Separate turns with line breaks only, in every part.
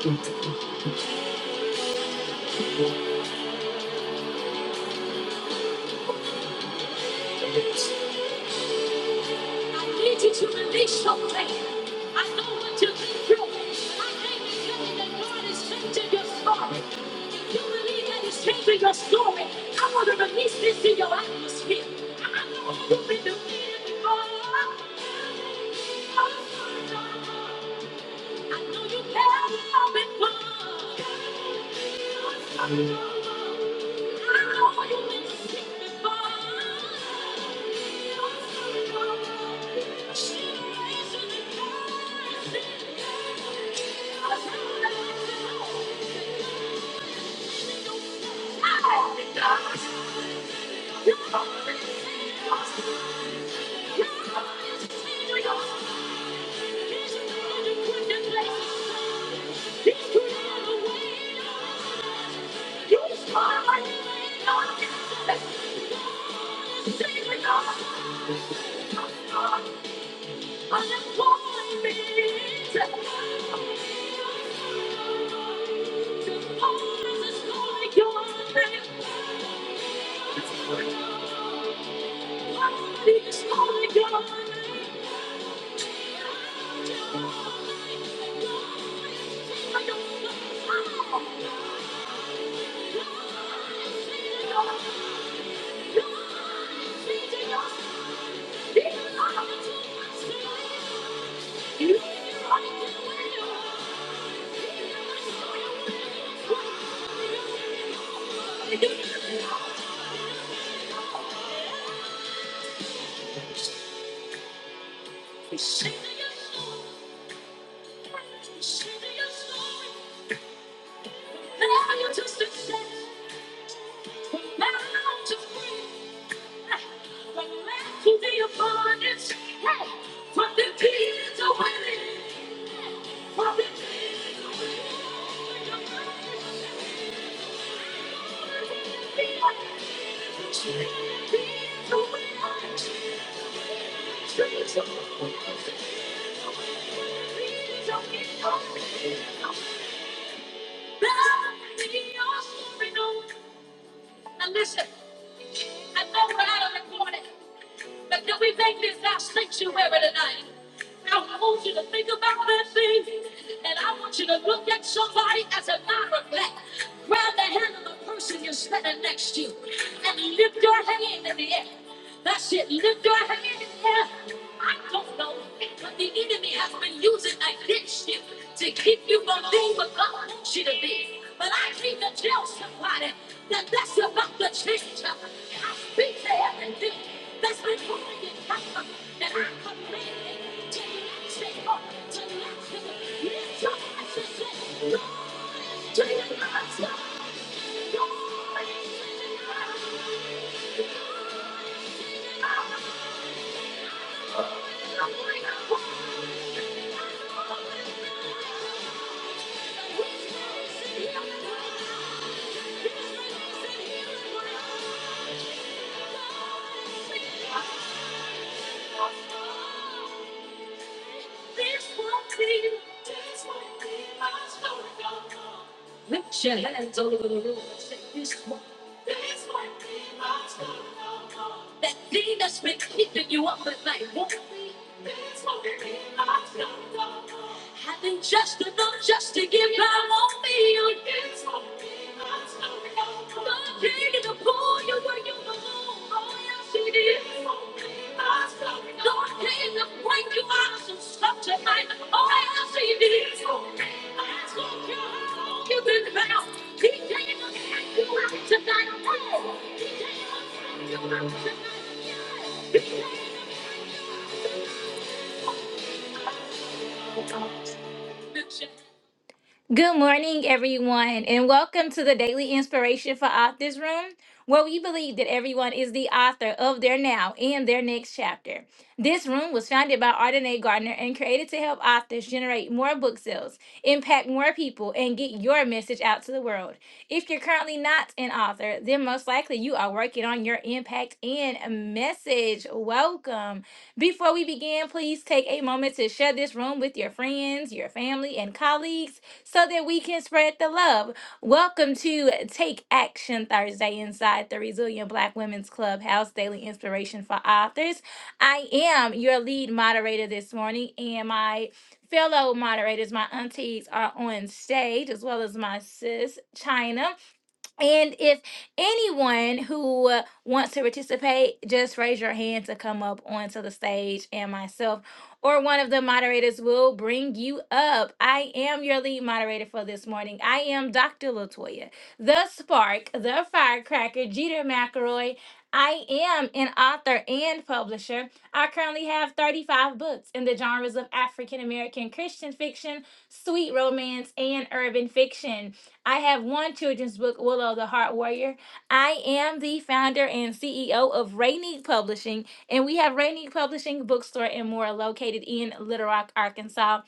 I need you to release something. I know what you've been through. I came to tell you that God is changing your story. If you believe that He's changing your story, I want to release this in your atmosphere. I know you've been defeated before. I know you have been won. Thank you. Sing your story, sing your story. Now listen, I know we're out of the corner. But can we make this our sanctuary tonight? I want you to think about that thing, and I want you to look at somebody as a matter of fact. Grab the hand of the person you're standing next to, and lift your hand in the air. That's it. Lift your hand in the air. I don't know, but the enemy has been using against you to keep you from being what God wants you to be. But I need to tell somebody that that's about to change. I I Speak to everything that's been holding you captive, and I command it to let you go, to let you go. Lift your hands and say, "Lord, to your hands, Lord, Lord, it's in the hands of the Lord." He's releasing healing word. He's releasing healing word. He's releasing healing word. Lift your hands all over the room and say this one. That thing that's been keeping you up at night won't be. Having just enough just to get by won't be. Not taking to pull you where you belong. Oh, yes, it is. Lord came to bring you out of some stuff tonight. Oh, I see this. That's what you did. I don't care how long you've been bound. He came to bring you out tonight. Oh, he came to bring you out tonight. Yes. He came. Good morning, everyone, and welcome to the Daily Inspiration for Authors Room, where we believe that everyone is the author of their now and their next chapter. This room was founded by Ardenae Gardner and created to help authors generate more book sales, impact more people, and get your message out to the world. If you're currently not an author, then most likely you are working on your impact and message. Welcome. Before we begin, please take a moment to share this room with your friends, your family, and colleagues so that we can spread the love. Welcome to Take Action Thursday inside the Resilient Black Women's Clubhouse Daily Inspiration for Authors. I am your lead moderator this morning, and my fellow moderators, my aunties, are on stage, as well as my sis, China. And if anyone who uh, wants to participate, just raise your hand to come up onto the stage, and myself or one of the moderators will bring you up. I am your lead moderator for this morning. I am Dr. Latoya, the spark, the firecracker, Jeter McElroy. I am an author and publisher. I currently have 35 books in the genres of African American Christian fiction, sweet romance, and urban fiction. I have one children's book, Willow the Heart Warrior. I am the founder and CEO of Rainy Publishing, and we have Rainy Publishing Bookstore and more located in Little Rock, Arkansas.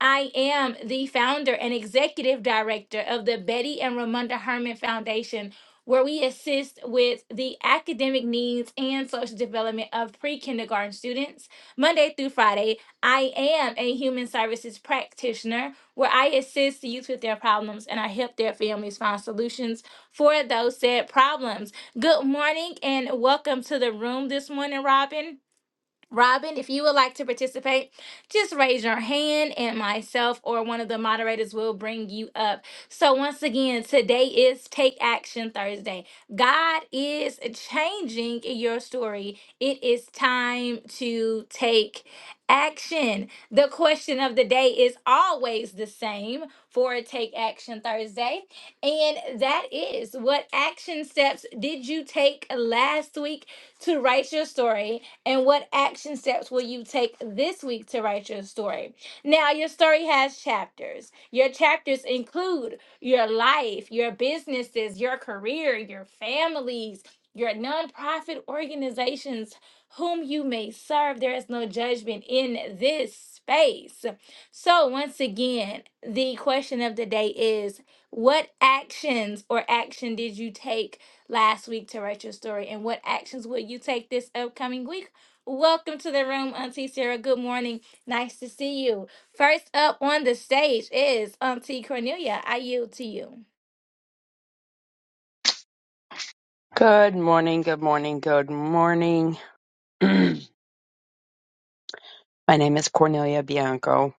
I am the founder and executive director of the Betty and Ramunda Herman Foundation, where we assist with the academic needs and social development of pre kindergarten students. Monday through Friday, I am a human services practitioner where I assist youth with their problems and I help their families find solutions for those said problems. Good morning and welcome to the room this morning, Robin. Robin, if you would like to participate, just raise your hand and myself or one of the moderators will bring you up. So, once again, today is Take Action Thursday. God is changing your story. It is time to take action. The question of the day is always the same for Take Action Thursday, and that is what action steps did you take last week to write your story? And what action steps will you take this week to write your story? Now, your story has chapters. Your chapters include your life, your businesses, your career, your families, your nonprofit organizations, whom you may serve. There is no judgment in this space. So, once again, the question of the day is what actions or action did you take last week to write your story? And what actions will you take this upcoming week? Welcome to the room, Auntie Sarah. Good morning. Nice to see you. First up on the stage is Auntie Cornelia. I yield to you.
Good morning, good morning, good morning. My name is Cornelia Bianco,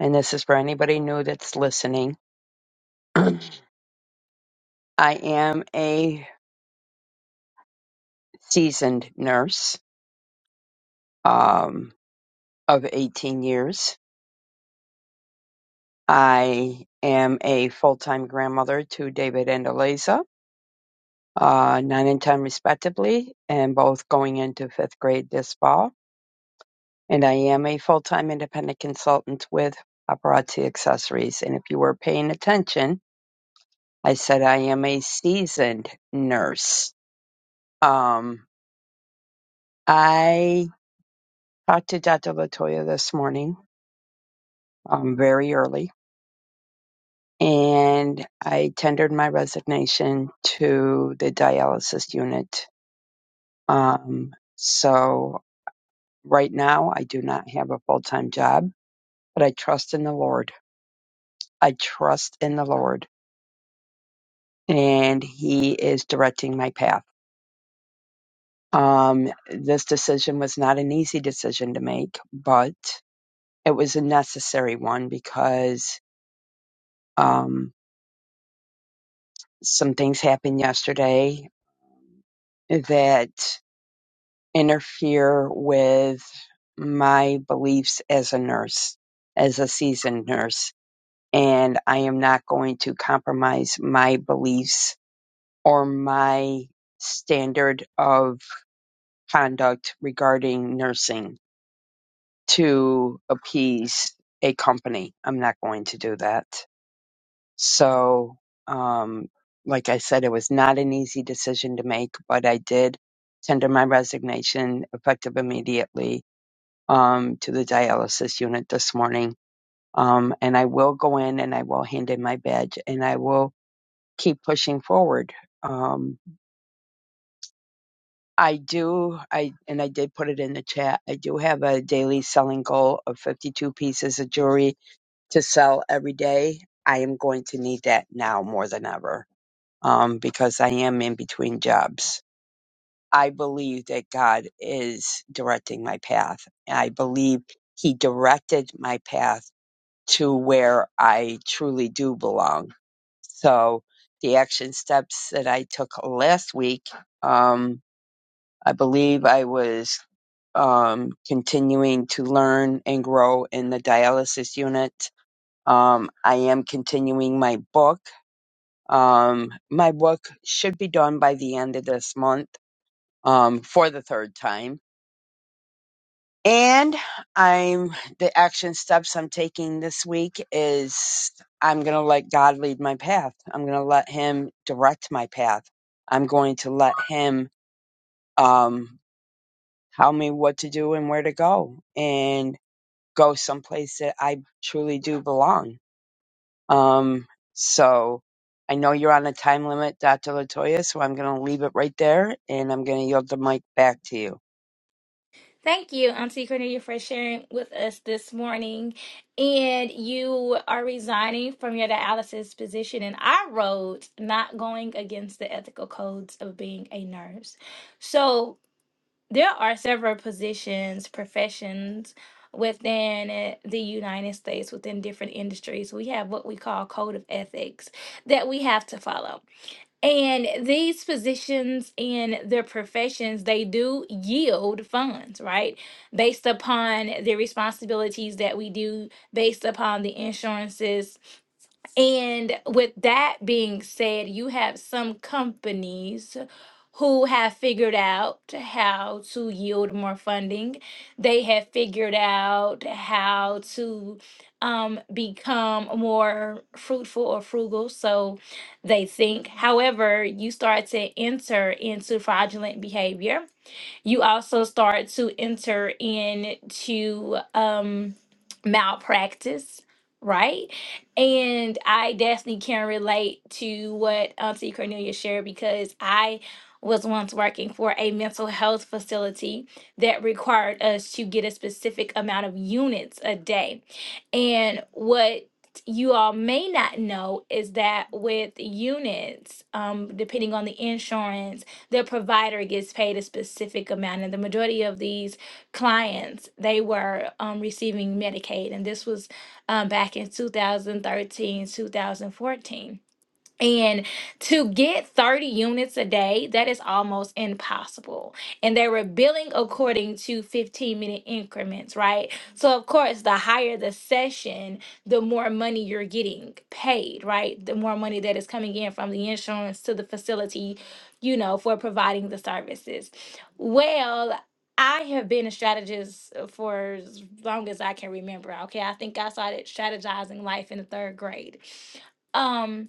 and this is for anybody new that's listening. I am a seasoned nurse um, of 18 years. I am a full time grandmother to David and Eliza, uh, 9 and 10 respectively, and both going into fifth grade this fall. And I am a full time independent consultant with Paparazzi Accessories. And if you were paying attention, I said, I am a seasoned nurse. Um, I talked to Dr. Latoya this morning, um, very early, and I tendered my resignation to the dialysis unit. Um, so right now I do not have a full-time job, but I trust in the Lord. I trust in the Lord and he is directing my path. Um, this decision was not an easy decision to make, but it was a necessary one because um, some things happened yesterday that interfere with my beliefs as a nurse, as a seasoned nurse. And I am not going to compromise my beliefs or my standard of conduct regarding nursing to appease a company. I'm not going to do that. So, um, like I said, it was not an easy decision to make, but I did tender my resignation effective immediately um, to the dialysis unit this morning. Um, and I will go in and I will hand in my badge and I will keep pushing forward. Um, I do, I and I did put it in the chat. I do have a daily selling goal of 52 pieces of jewelry to sell every day. I am going to need that now more than ever um, because I am in between jobs. I believe that God is directing my path. I believe He directed my path to where I truly do belong. So the action steps that I took last week, um, I believe I was um, continuing to learn and grow in the dialysis unit. Um, I am continuing my book um, my book should be done by the end of this month um, for the third time. And I'm the action steps I'm taking this week is I'm going to let God lead my path. I'm going to let Him direct my path. I'm going to let Him um, tell me what to do and where to go and go someplace that I truly do belong Um, so I know you're on a time limit, Dr. Latoya, so I'm going to leave it right there and I'm going to yield the mic back to you.
Thank you, Auntie Cornelia, for sharing with us this morning. And you are resigning from your dialysis position in our roads, not going against the ethical codes of being a nurse. So, There are several positions, professions within eh, the United States, within different industries. We have what we call code of ethics that we have to follow. And these positions and their professions, they do yield funds, right? Based upon the responsibilities that we do, based upon the insurances and with that being said, you have some companies who have figured out how to yield more funding. They have figured out how to um, become more fruitful or frugal, so they think. However, you start to enter into fraudulent behavior you also start to enter into um, malpractice, right? And I definitely can relate to what Auntie Cornelia shared because I was once working for a mental health facility that required us to get a specific amount of units a day. And what you all may not know is that with units, um, depending on the insurance their provider gets paid a specific amount. And the majority of these clients, they were um, receiving Medicaid. And this was um, back in 2013, 2014. And to get 30 units a day, that is almost impossible. And they were billing according to 15 minute increments, right? So, of course, the higher the session, the more money you're getting paid, right? The more money that is coming in from the insurance to the facility, you know, for providing the services. Well, I have been a strategist uh, for as long as I can remember. Okay. I think I started strategizing life in the third grade. Um,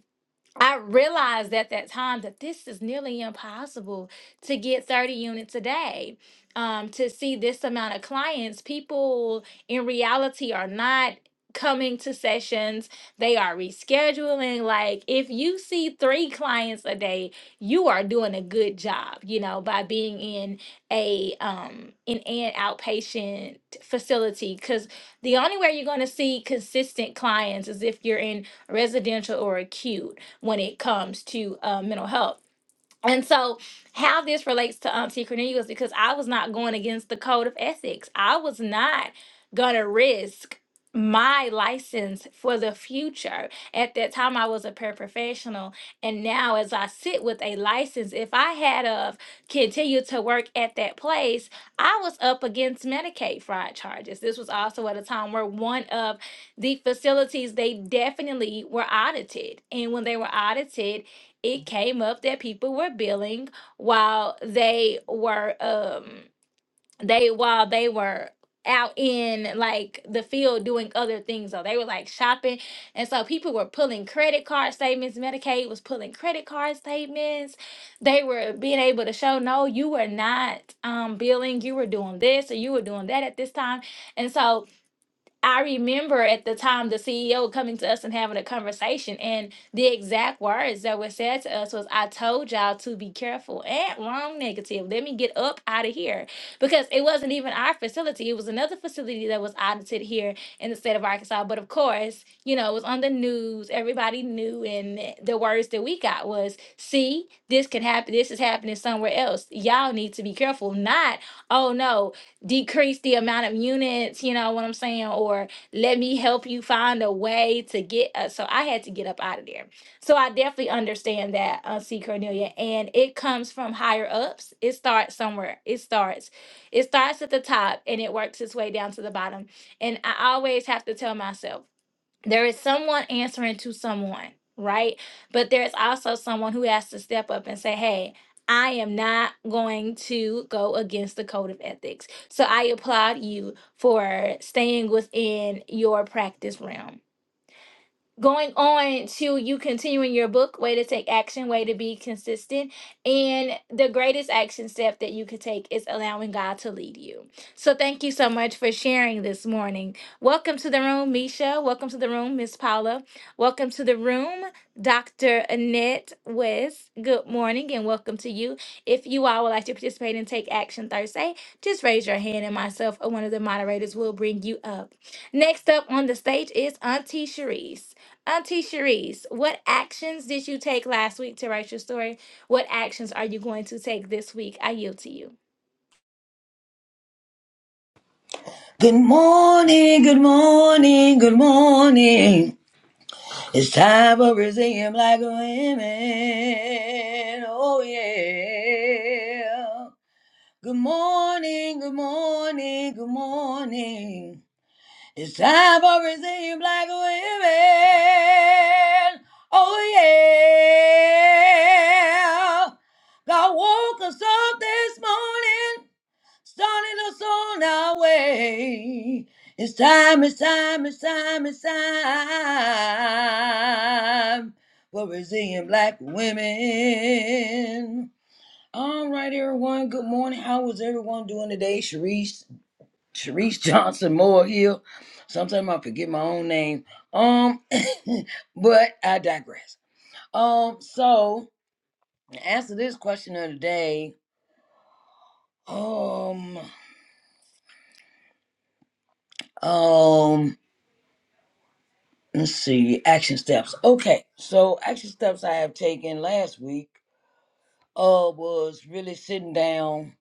I realized at that time that this is nearly impossible to get 30 units a day. Um, to see this amount of clients, people in reality are not coming to sessions, they are rescheduling. Like, if you see three clients a day, you are doing a good job, you know, by being in a um in an outpatient facility. Cause the only way you're gonna see consistent clients is if you're in residential or acute when it comes to uh, mental health. And so, how this relates to Auntie Cornelius, because I was not going against the code of ethics. I was not going to risk my license for the future. At that time, I was a paraprofessional. And now, as I sit with a license, if I had of continued to work at that place, I was up against Medicaid fraud charges. This was also at a time where one of the facilities, they definitely were audited. And when they were audited, it came up that people were billing while they were um they while they were out in like the field doing other things so they were like shopping and so people were pulling credit card statements medicaid was pulling credit card statements they were being able to show no you were not um billing you were doing this or you were doing that at this time and so I remember at the time the CEO coming to us and having a conversation, and the exact words that were said to us was, "I told y'all to be careful and wrong negative. Let me get up out of here," because it wasn't even our facility; it was another facility that was audited here in the state of Arkansas. But of course, you know, it was on the news. Everybody knew, and the words that we got was, "See, this can happen. This is happening somewhere else. Y'all need to be careful." Not, "Oh no, decrease the amount of units, you know what I'm saying? Or let me help you find a way to get us. So I had to get up out of there. So I definitely understand that, uh, C. Cornelia. And it comes from higher ups. It starts somewhere. It starts. It starts at the top and it works its way down to the bottom. And I always have to tell myself, there is someone answering to someone, right? But there's also someone who has to step up and say, hey, I am not going to go against the code of ethics. So I applaud you for staying within your practice realm going on to you continuing your book, way to take action, way to be consistent. And the greatest action step that you could take is allowing God to lead you. So thank you so much for sharing this morning. Welcome to the room, Misha. Welcome to the room, Miss Paula. Welcome to the room, Dr. Annette West. Good morning and welcome to you. If you all would like to participate in Take Action Thursday, just raise your hand and myself or one of the moderators will bring you up. Next up on the stage is Auntie Sharice. Auntie Cherise, what actions did you take last week to write your story? What actions are you going to take this week? I yield to you.
Good morning, good morning, good morning. It's time for Brazilian black women. Oh yeah. Good morning, good morning, good morning. It's time for Brazilian black women. Oh yeah. God woke us up this morning starting us on our way. It's time, it's time, it's time, it's time for Brazilian black women. All right, everyone. Good morning. How was everyone doing today? Sharice, Sharice Johnson Moore here. Sometimes I forget my own name. Um, but I digress. Um, so to answer this question of the day. Um, um, let's see action steps okay so action steps i have taken last week uh was really sitting down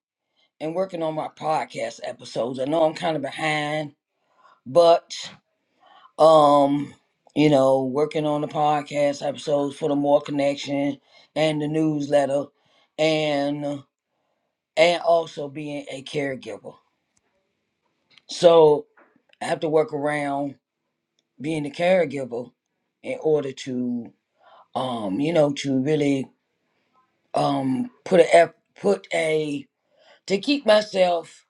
and working on my podcast episodes i know i'm kind of behind but um you know working on the podcast episodes for the more connection and the newsletter and and also being a caregiver so i have to work around being a caregiver in order to um you know to really um put a eff- put a to keep myself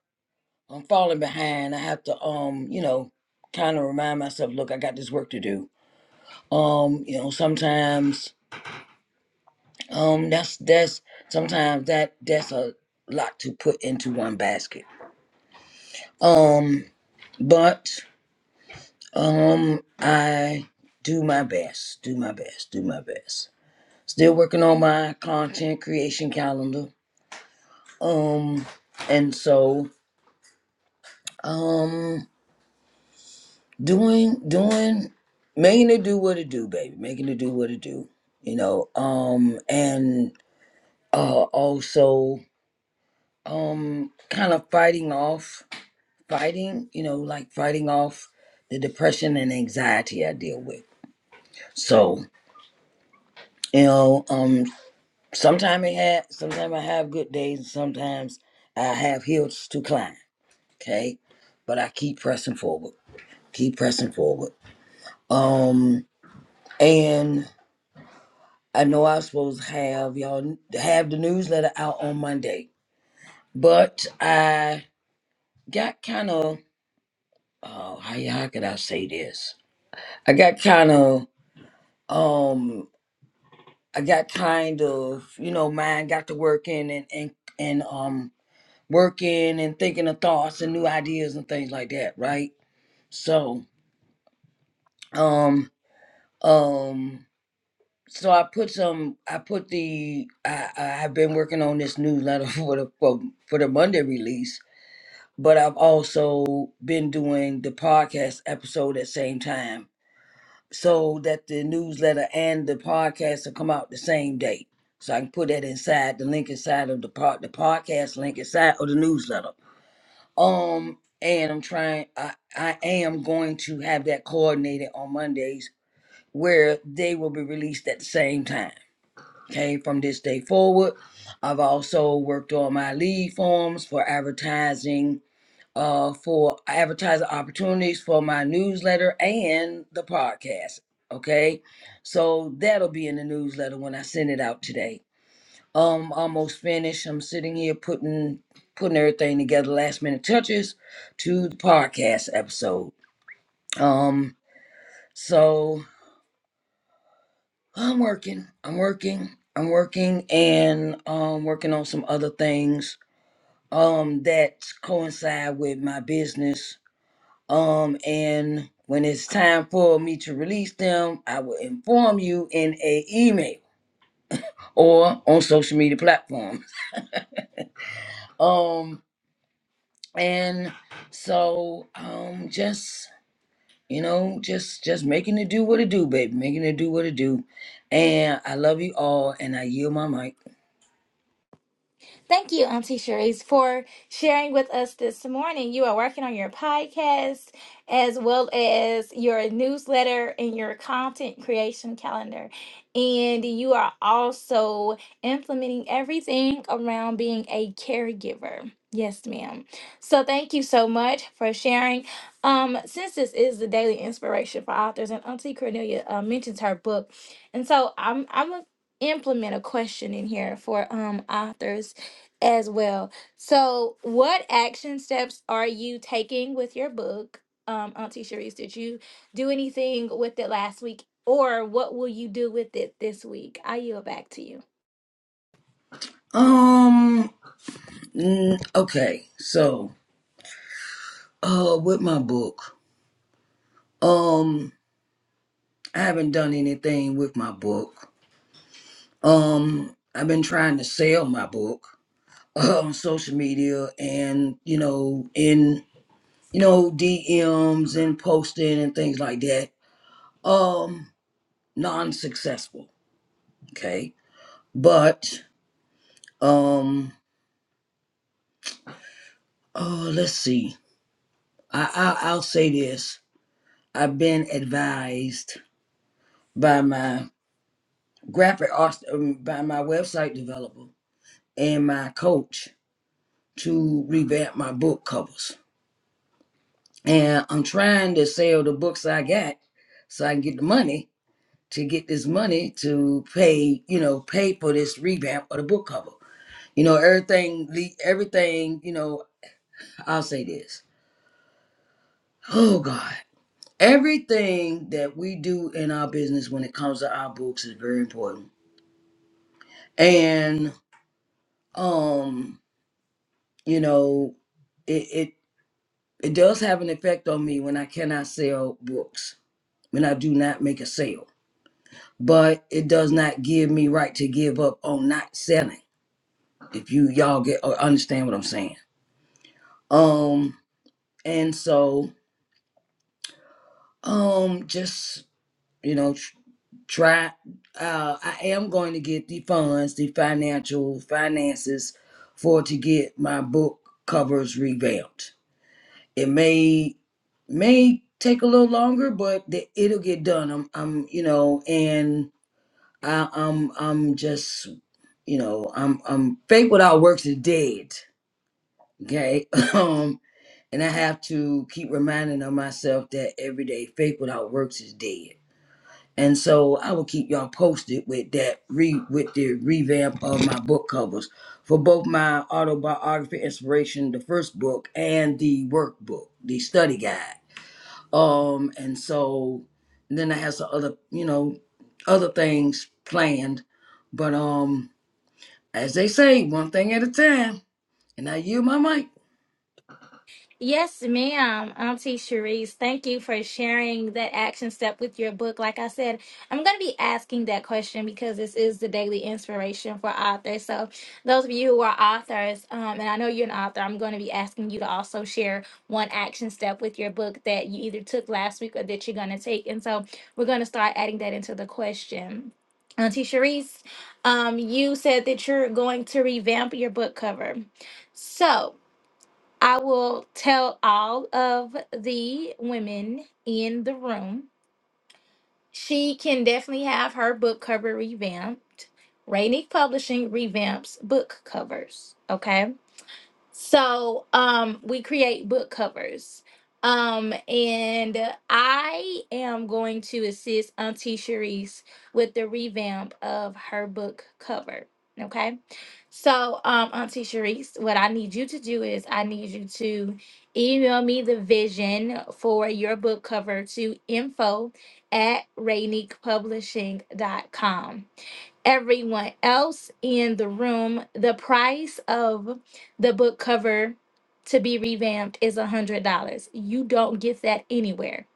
from falling behind. I have to um you know kind of remind myself, look, I got this work to do. Um you know sometimes um that's that's sometimes that that's a lot to put into one basket. Um but um I do my best, do my best, do my best. Still working on my content creation calendar. Um and so um doing doing making it do what it do baby making it do what it do you know um and uh also um kind of fighting off fighting you know like fighting off the depression and anxiety i deal with so you know um sometimes i have sometimes i have good days and sometimes i have hills to climb okay but i keep pressing forward keep pressing forward um and I know I was supposed to have y'all have the newsletter out on Monday, but I got kind of oh how how could I say this? I got kind of um I got kind of you know mine got to working and and and um working and thinking of thoughts and new ideas and things like that, right? So um um so I put some I put the I I- I've been working on this newsletter for the for, for the Monday release but I've also been doing the podcast episode at the same time so that the newsletter and the podcast will come out the same day. So I can put that inside the link inside of the part the podcast link inside of the newsletter. Um and I'm trying I, I am going to have that coordinated on Mondays where they will be released at the same time. Okay, from this day forward. I've also worked on my lead forms for advertising uh, for advertising opportunities for my newsletter and the podcast. Okay, so that'll be in the newsletter when I send it out today. Um, almost finished. I'm sitting here putting putting everything together, last minute touches to the podcast episode. Um, so I'm working. I'm working. I'm working and um working on some other things um that coincide with my business Um, and when it's time for me to release them, I will inform you in a email or on social media platforms. Um, and so um, just you know, just just making it do what it do, baby, making it do what it do. And I love you all, and I yield my mic.
Thank you, Auntie Cherise, for sharing with us this morning. You are working on your podcast as well as your newsletter and your content creation calendar. And you are also implementing everything around being a caregiver. Yes, ma'am. So thank you so much for sharing. Um, since this is the daily inspiration for authors, and Auntie Cornelia uh, mentions her book, and so I'm I'm gonna implement a question in here for um authors as well. So, what action steps are you taking with your book, um, Auntie Sharice? Did you do anything with it last week, or what will you do with it this week? I yield back to you.
Um, mm, okay, so uh, with my book, um, I haven't done anything with my book Um, I've been trying to sell my book uh, on social media and, you know, in, you know, DMs and posting and things like that. Um, non-successful. Okay. But, um, oh, let's see. I, I I'll say this. I've been advised by my graphic art, um, by my website developer and my coach to revamp my book covers and I'm trying to sell the books I got so I can get the money to get this money to pay, you know, pay for this revamp of the book cover. You know, everything, le- everything, you know, I'll say this. Oh God, everything that we do in our business when it comes to our books is very important. And, um, you know, it, it, it does have an effect on me when I cannot sell books, when I do not make a sale but it does not give me right to give up on not selling. If you y'all get or understand what I'm saying. Um, and so um, just you know, tr- try. Uh, I am going to get the funds, the financial finances, for to get my book covers revamped. It may may take a little longer, but the, it'll get done. I'm, I'm, you know, and I, I'm, I'm just you know, I'm I'm faith without works is dead. Okay. Um, and I have to keep reminding of myself that every day faith without works is dead. And so I will keep y'all posted with that re with the revamp of my book covers for both my autobiography inspiration, the first book, and the workbook, the study guide. Um, and so then I have some other, you know, other things planned. But um, as they say, one thing at a time And I yield my mic.
Yes, ma'am, Auntie Cherise. Thank you for sharing that action step with your book. Like I said, I'm going to be asking that question because this is the daily inspiration for authors. So, those of you who are authors, um, and I know you're an author, I'm going to be asking you to also share one action step with your book that you either took last week or that you're going to take. And so, we're going to start adding that into the question. Auntie Cherise, um, you said that you're going to revamp your book cover. So, I will tell all of the women in the room. She can definitely have her book cover revamped. Rainy Publishing revamps book covers. Okay. So um we create book covers. Um and I am going to assist Auntie Cherise with the revamp of her book cover. Okay. So um Auntie Cherise, what I need you to do is I need you to email me the vision for your book cover to info at rayniquepublishing dot com everyone else in the room, the price of the book cover to be revamped is $100. You don't get that anywhere.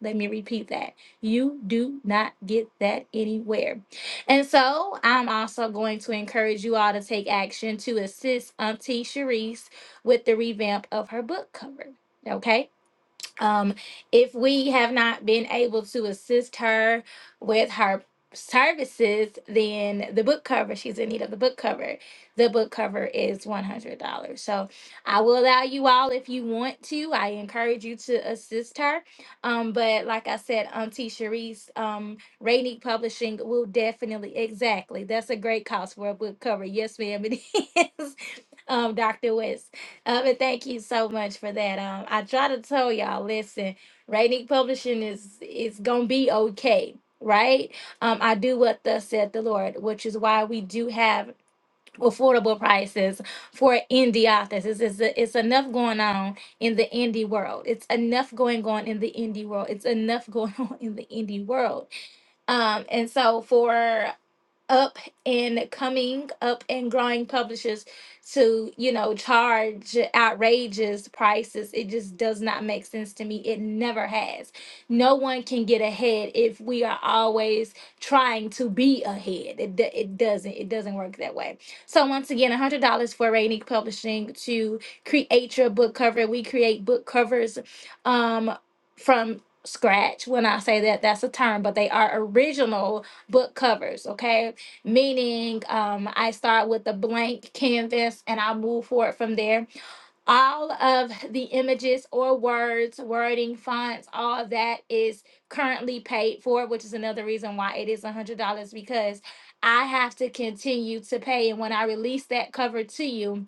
Let me repeat that. You do not get that anywhere. And so I'm also going to encourage you all to take action to assist Auntie Sharice with the revamp of her book cover. Okay um, if we have not been able to assist her with her services, then the book cover, she's in need of the book cover. The book cover is $100. So I will allow you all if you want to. I encourage you to assist her. Um, but like I said, Auntie Sharice, um, Rainique Publishing will definitely, exactly. That's a great cost for a book cover. Yes, ma'am, it is. Um, Dr. West. Um, and thank you so much for that. Um, I try to tell y'all, listen, Rainy Publishing is is gonna be okay, right? Um, I do what thus said the Lord, which is why we do have affordable prices for indie authors. It's, it's, it's enough going on in the indie world. It's enough going on in the indie world. It's enough going on in the indie world. Um, and so for up and coming up and growing publishers to you know charge outrageous prices it just does not make sense to me it never has no one can get ahead if we are always trying to be ahead it, do- it doesn't it doesn't work that way so once again $100 for rainique publishing to create your book cover we create book covers um from scratch when i say that that's a term but they are original book covers okay meaning um, I start with a blank canvas and I move forward from there. All of the images or words, wording, fonts, all of that is currently paid for, which is another reason why it is $100 because I have to continue to pay. And when I release that cover to you,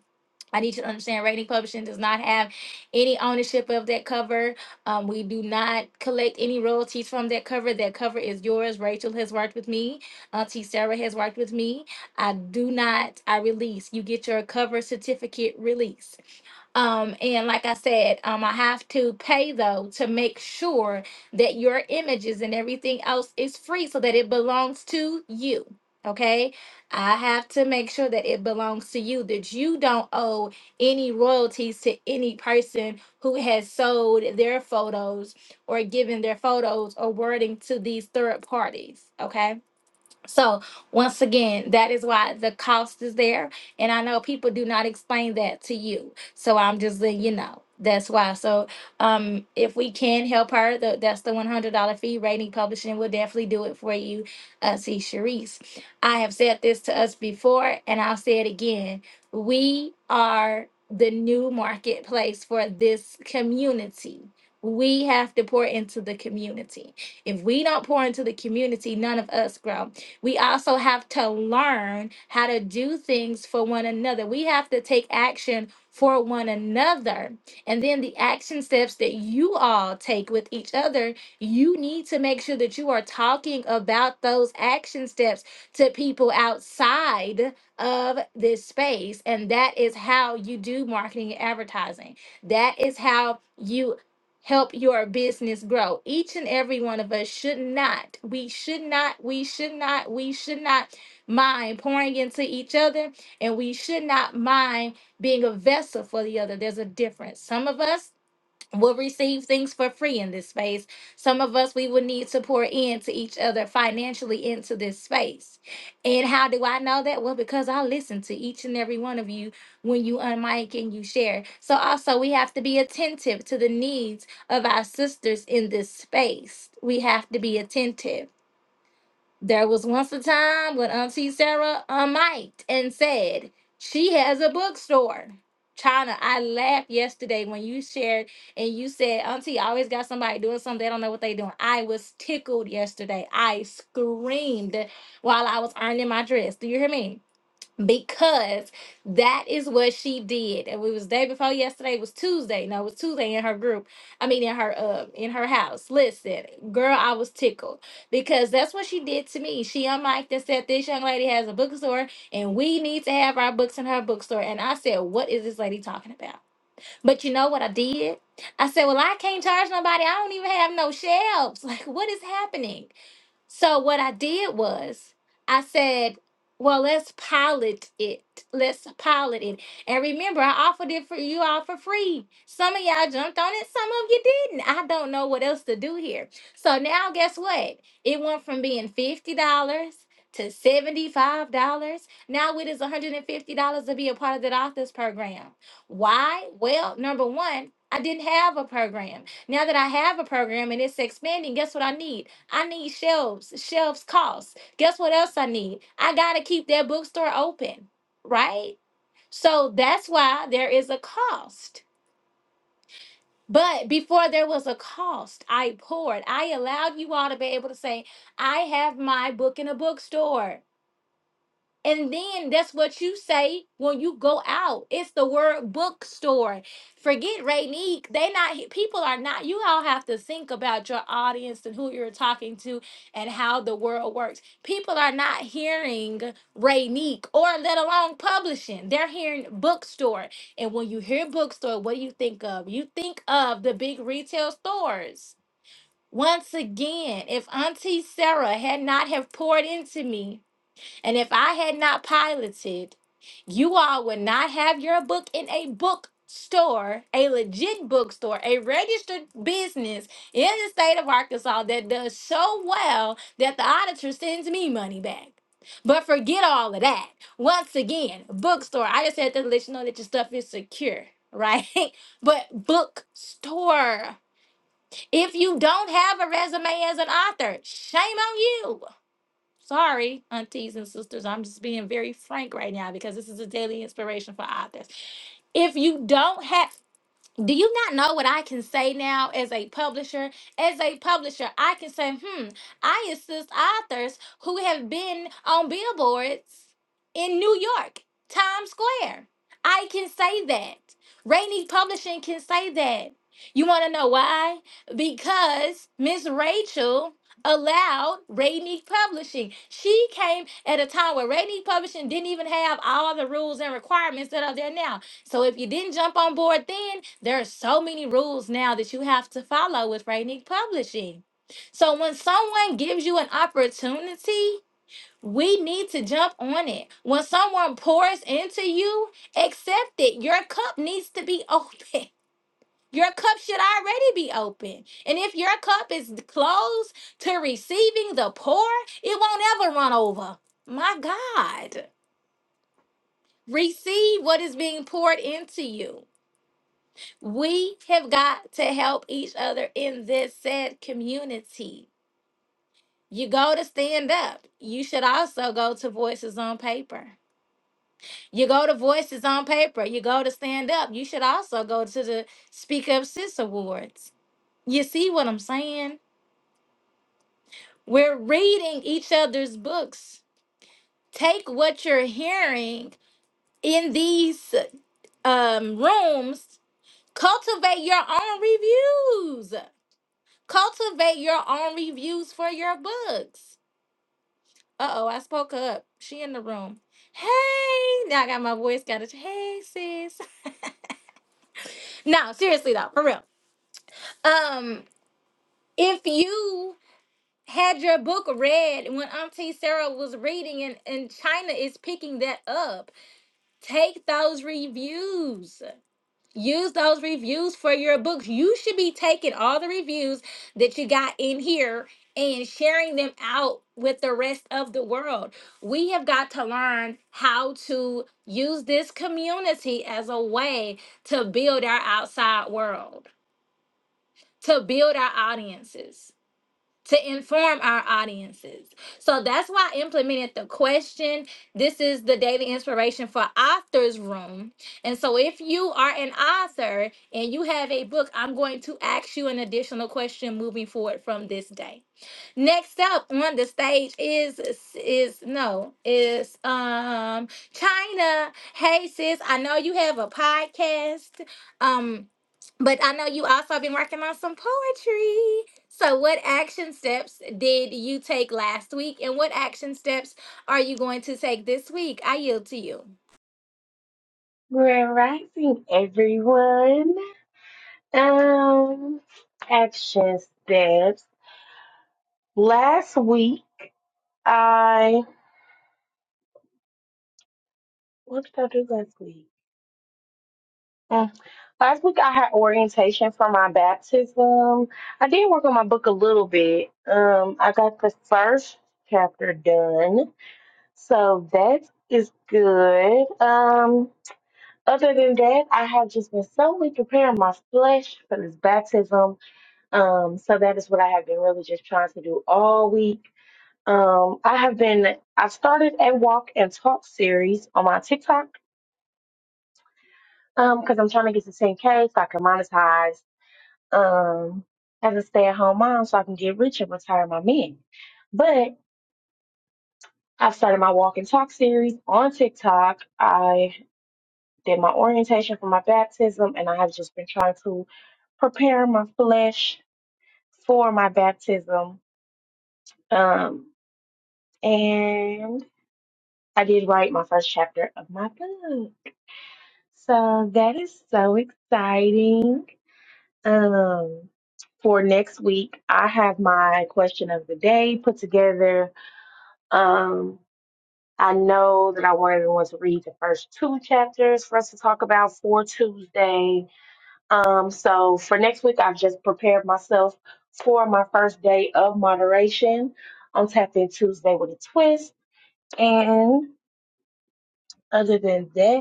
I need you to understand Rating Publishing does not have any ownership of that cover. Um, we do not collect any royalties from that cover. That cover is yours. Rachel has worked with me. Auntie Sarah has worked with me. I do not, I release. You get your cover certificate release. Um, and like I said, um, I have to pay though to make sure that your images and everything else is free so that it belongs to you. Okay, I have to make sure that it belongs to you, that you don't owe any royalties to any person who has sold their photos or given their photos or wording to these third parties. Okay so once again, that is why the cost is there. And I know people do not explain that to you. So I'm just letting you know. That's why. So um if we can help her, tho- that's the one hundred dollar fee. Rating publishing will definitely do it for you, uh see Sharice. I have said this to us before and I'll say it again. We are the new marketplace for this community. We have to pour into the community. If we don't pour into the community, none of us grow. We also have to learn how to do things for one another. We have to take action for one another. And then the action steps that you all take with each other, you need to make sure that you are talking about those action steps to people outside of this space. And that is how you do marketing and advertising. That is how you help your business grow. Each and every one of us should not, we should not, we should not, we should not mind pouring into each other, and we should not mind being a vessel for the other. There's a difference. Some of us will receive things for free in this space. Some of us, we will need to pour into each other financially into this space. And how do I know that? Well, because I listen to each and every one of you when you unmic and you share. So also, we have to be attentive to the needs of our sisters in this space. We have to be attentive. There was once a time when Auntie Sarah unmiked and said, She has a bookstore. China, I laughed yesterday when you shared and you said, Auntie, I always got somebody doing something. They don't know what they doing. I was tickled yesterday. I screamed while I was ironing my dress. Do you hear me? because that is what she did. And it was day before yesterday. It was Tuesday. No, it was Tuesday in her group. I mean, in her uh, in her house. Listen, girl, I was tickled because that's what she did to me. She unmiked and said, "This young lady has a bookstore, and we need to have our books in her bookstore." And I said, "What is this lady talking about?" But you know what I did? I said, "Well, I can't charge nobody. I don't even have no shelves. Like, what is happening?" So what I did was I said, well, let's pilot it. Let's pilot it. And remember, I offered it for you all for free. Some of y'all jumped on it, some of you didn't. I don't know what else to do here. So now guess what? It went from being $50 to $75. Now it is $150 to be a part of the authors program. Why? Well, number one, I didn't have a program. Now that I have a program and it's expanding, guess what I need? I need shelves. Shelves cost. Guess what else I need? I gotta keep that bookstore open, right? So that's why there is a cost. But before there was a cost, I poured. I allowed you all to be able to say, I have my book in a bookstore. And then that's what you say when you go out. It's the word bookstore. Forget Rainique. They not people are not. You all have to think about your audience and who you're talking to and how the world works. People are not hearing Rainique or let alone publishing. They're hearing bookstore. And when you hear bookstore, what do you think of? You think of the big retail stores. Once again, if Auntie Sarah had not have poured into me and if I had not piloted, you all would not have your book in a bookstore, a legit bookstore, a registered business in the state of Arkansas that does so well that the auditor sends me money back. But forget all of that. Once again, bookstore. I just had to let you know that your stuff is secure, right? but bookstore. If you don't have a resume as an author, shame on you. Sorry, aunties and sisters, I'm just being very frank right now because this is a daily inspiration for authors. If you don't have do you not know what I can say now as a publisher? As a publisher, I can say, hmm, I assist authors who have been on billboards in New York, Times Square. I can say that. Rainy Publishing can say that. You want to know why? Because Miss Rachel allowed Rainy Publishing. She came at a time where Rainy Publishing didn't even have all the rules and requirements that are there now. So if you didn't jump on board then, there are so many rules now that you have to follow with Rainique Publishing. So when someone gives you an opportunity, we need to jump on it. When someone pours into you, accept it. Your cup needs to be open. Your cup should already be open. And if your cup is closed to receiving the pour, it won't ever run over. My God, receive what is being poured into you. We have got to help each other in this said community. You go to stand up. You should also go to Voices on Paper. You go to Voices on Paper. You go to stand up. You should also go to the Speak Up Sis Awards. You see what I'm saying? We're reading each other's books. Take what you're hearing in these um, rooms, cultivate your own reviews. Cultivate your own reviews for your books. Uh oh, I spoke up. She in the room. Hey, now I got my voice got it. Hey, sis. no, seriously though, for real. Um, if you had your book read when Auntie Sarah was reading, and, and China is picking that up, take those reviews. Use those reviews for your books. You should be taking all the reviews that you got in here and sharing them out with the rest of the world. We have got to learn how to use this community as a way to build our outside world, to build our audiences to inform our audiences. So that's why I implemented the question. This is the daily inspiration for authors room. And so if you are an author and you have a book, I'm going to ask you an additional question moving forward from this day. Next up on the stage is is no is um China. Hey sis, I know you have a podcast, um, but I know you also have been working on some poetry. So, what action steps did you take last week, and what action steps are you going to take this week? I yield to you.
Grand Rising, everyone. Um, action steps. Last week, I what did I do last week? Mm, Last week, I had orientation for my baptism. I did work on my book a little bit. Um, I got the first chapter done, so that is good. Um, other than that, I have just been solely preparing my flesh for this baptism Um, so that is what I have been really just trying to do all week. Um, I have been, I started a walk and talk series on my TikTok um, because I'm trying to get to 10K so I can monetize um, as a stay at home mom so I can get rich and retire my men. But I started my walk and talk series on TikTok. I did my orientation for my baptism and I have just been trying to prepare my flesh for my baptism. Um, and I did write my first chapter of my book. So that is so exciting. Um, for next week, I have my question of the day put together. Um, I know that I want everyone to read the first two chapters for us to talk about for Tuesday. Um, so for next week, I've just prepared myself for my first day of moderation on Tap In Tuesday with a twist. And other than that,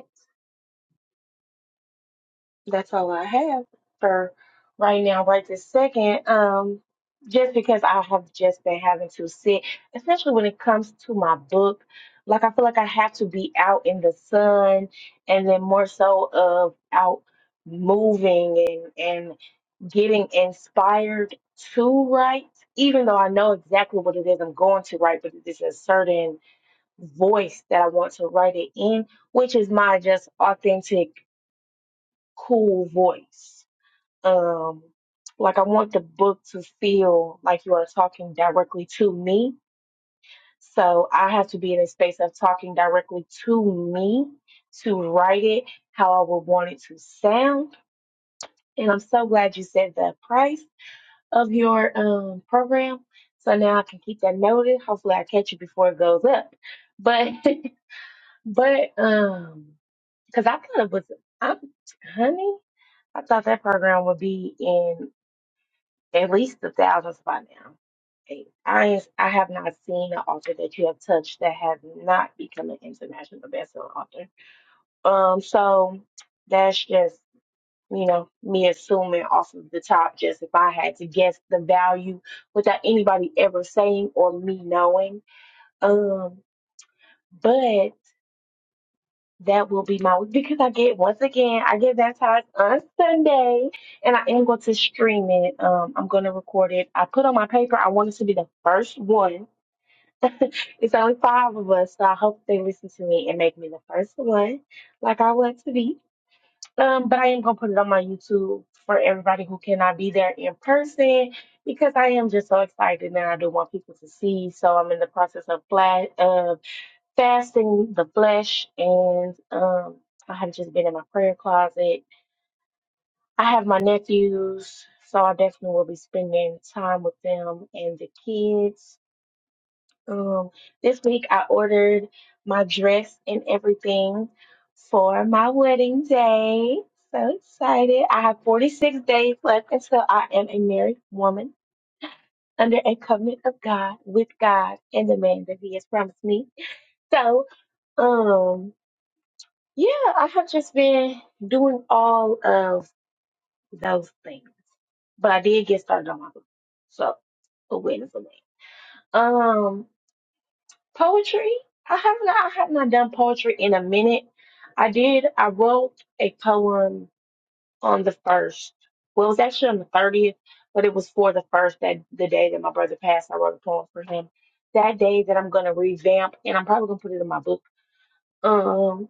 That's all I have for right now, right this second. Um, just because I have just been having to sit, especially when it comes to my book, like I feel like I have to be out in the sun and then more so of out moving and and getting inspired to write, even though I know exactly what it is I'm going to write, but it's a certain voice that I want to write it in, which is my just authentic, cool voice um, like I want the book to feel like you are talking directly to me. So I have to be in a space of talking directly to me to write it how I would want it to sound. And I'm so glad you said the price of your um program. So now I can keep that noted. Hopefully I catch it before it goes up. But but um because I kind of was I'm honey, I thought that program would be in. at least the thousands by now. And I ain't- I have not seen an author that you have touched that has not become an international bestselling author. Um, so that's just you know me assuming off of the top. Just if I had to guess the value without anybody ever saying or me knowing. Um, but. That will be my week because I get once again I get baptized on Sunday and I am going to stream it. Um I'm gonna record it. I put on my paper I want it to be the first one. it's only five of us, so I hope they listen to me and make me the first one like I want to be. Um but I am gonna put it on my YouTube for everybody who cannot be there in person because I am just so excited and I do want people to see. So I'm in the process of flash fasting the flesh and um I have just been in my prayer closet. I have my nephews, so I definitely will be spending time with them and the kids. Um this week I ordered my dress and everything for my wedding day. So excited. I have 46 days left until I am a married woman under a covenant of God with God and the man that he has promised me. So, um Yeah, I have just been doing all of those things, but I did get started on my book, so a win for me. Um, poetry. I have not. I have not done poetry in a minute. I did. I wrote a poem on the first. Well, it was actually on the thirtieth, but it was for the first that the day that my brother passed. I wrote a poem for him that day that I'm gonna revamp, and I'm probably gonna put it in my book. Um,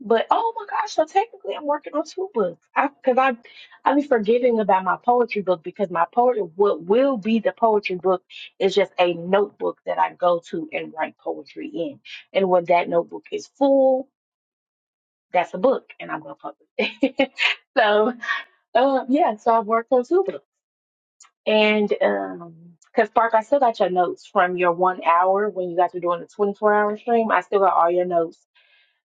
But oh my gosh, so technically I'm working on two books. I because I I be forgetting about my poetry book because my poetry what will be the poetry book is just a notebook that I go to and write poetry in. And when that notebook is full, that's a book and I'm gonna publish it. so um yeah, so I've worked on two books. And um because Spark, I still got your notes from your one hour when you guys were doing the 24 hour stream. I still got all your notes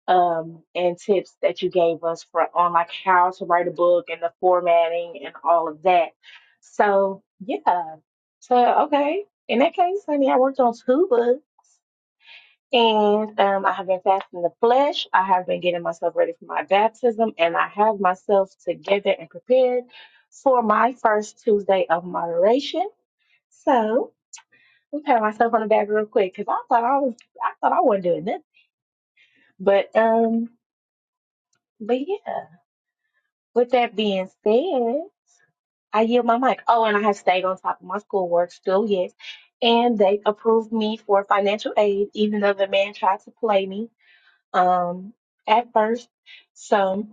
um, and tips that you gave us for on like how to write a book and the formatting and all of that. So yeah. So okay. In that case, honey, I worked on two books and um, I have been fasting the flesh. I have been getting myself ready for my baptism and I have myself together and prepared for my first Tuesday of moderation. So I'm patting myself on the back real quick because I thought I was I thought I wasn't doing nothing. But um but yeah. With that being said, I yield my mic. Oh, and I have stayed on top of my schoolwork still, yes. And they approved me for financial aid, even though the man tried to play me um, at first. So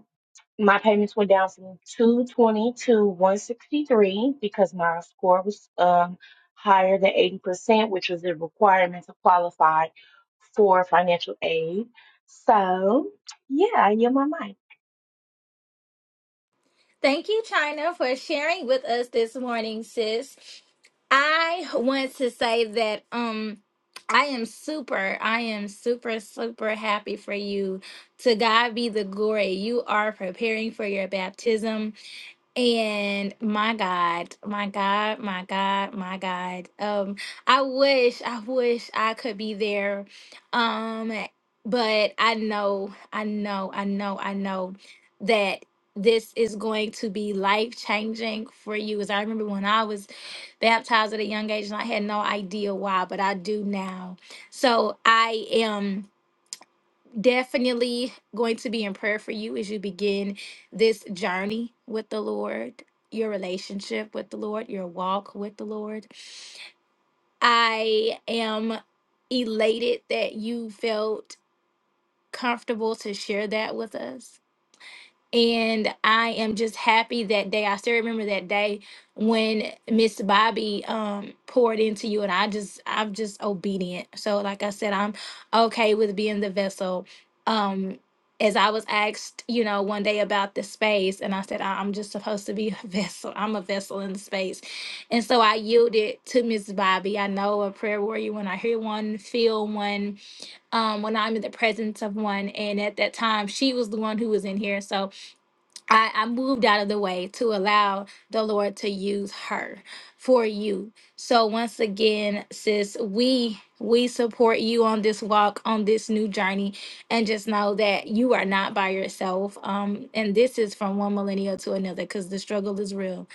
my payments went down from 220 to 163 because my score was um, higher than 80%, which was the requirement to qualify for financial aid. So, yeah, I yield my mic.
Thank you, China, for sharing with us this morning, sis. I want to say that um I am super, I am super, super happy for you. To God be the glory. You are preparing for your baptism. And my God, my God, my God, my God. Um, I wish, I wish I could be there. Um, but I know, I know, I know, I know that this is going to be life changing for you. As I remember when I was baptized at a young age and I had no idea why, but I do now. So I am definitely going to be in prayer for you as you begin this journey with the Lord, your relationship with the Lord, your walk with the Lord. I am elated that you felt comfortable to share that with us and I am just happy that day. I still remember that day when Miss Bobby um poured into you and I just I'm just obedient. So like I said, I'm okay with being the vessel. Um as I was asked, you know, one day about the space, and I said, "I- I'm just supposed to be a vessel. I'm a vessel in the space. And so I yielded to Miss Bobby. I know a prayer warrior when I hear one, feel one, um, when I'm in the presence of one. And at that time, she was the one who was in here. So I, I moved out of the way to allow the Lord to use her for you. So once again, sis, we we support you on this walk, on this new journey, and just know that you are not by yourself. Um, and this is from one millennial to another because the struggle is real.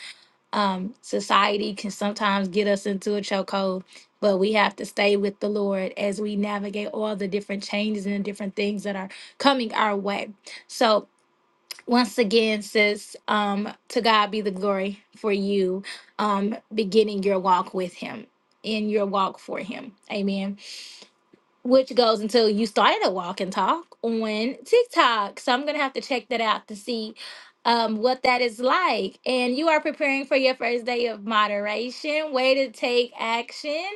Um, society can sometimes get us into a chokehold, but we have to stay with the Lord as we navigate all the different changes and different things that are coming our way. So once again, sis, um, to God be the glory for you um, beginning your walk with Him, in your walk for Him. Amen. Which goes until you started a walk and talk on TikTok. So I'm going to have to check that out to see um, what that is like. And you are preparing for your first day of moderation. Way to take action.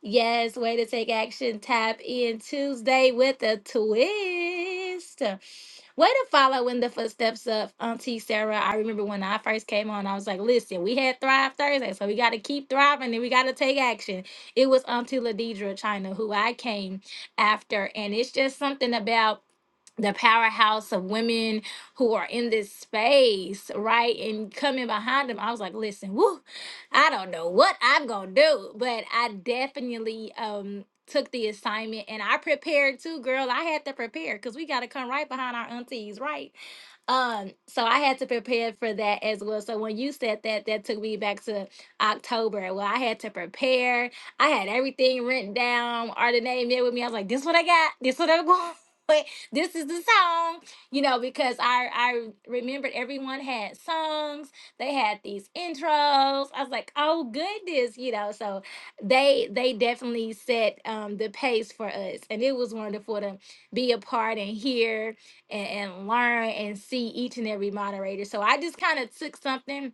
Yes, way to take action. Tap in Tuesday with a twist. Way to follow in the footsteps of Auntie Sarah. I remember when I first came on, I was like, listen, we had Thrive Thursday, so we got to keep thriving and we got to take action. It was Auntie Ladidra China who I came after. And it's just something about the powerhouse of women who are in this space, right? And coming behind them, I was like, listen, woo. I don't know what I'm going to do, but I definitely um took the assignment and I prepared too, girl. I had to prepare cuz we got to come right behind our aunties, right? Um, so I had to prepare for that as well. So when you said that, that took me back to October. Well, I had to prepare. I had everything written down. Ardenae met with me. I was like, this what I got. This what I'm going with. This is the song, you know, because I I remembered everyone had songs they had these intros. I was like, oh goodness, you know. So they they definitely set um, the pace for us, and it was wonderful to be a part and hear and, and learn and see each and every moderator. So I just kind of took something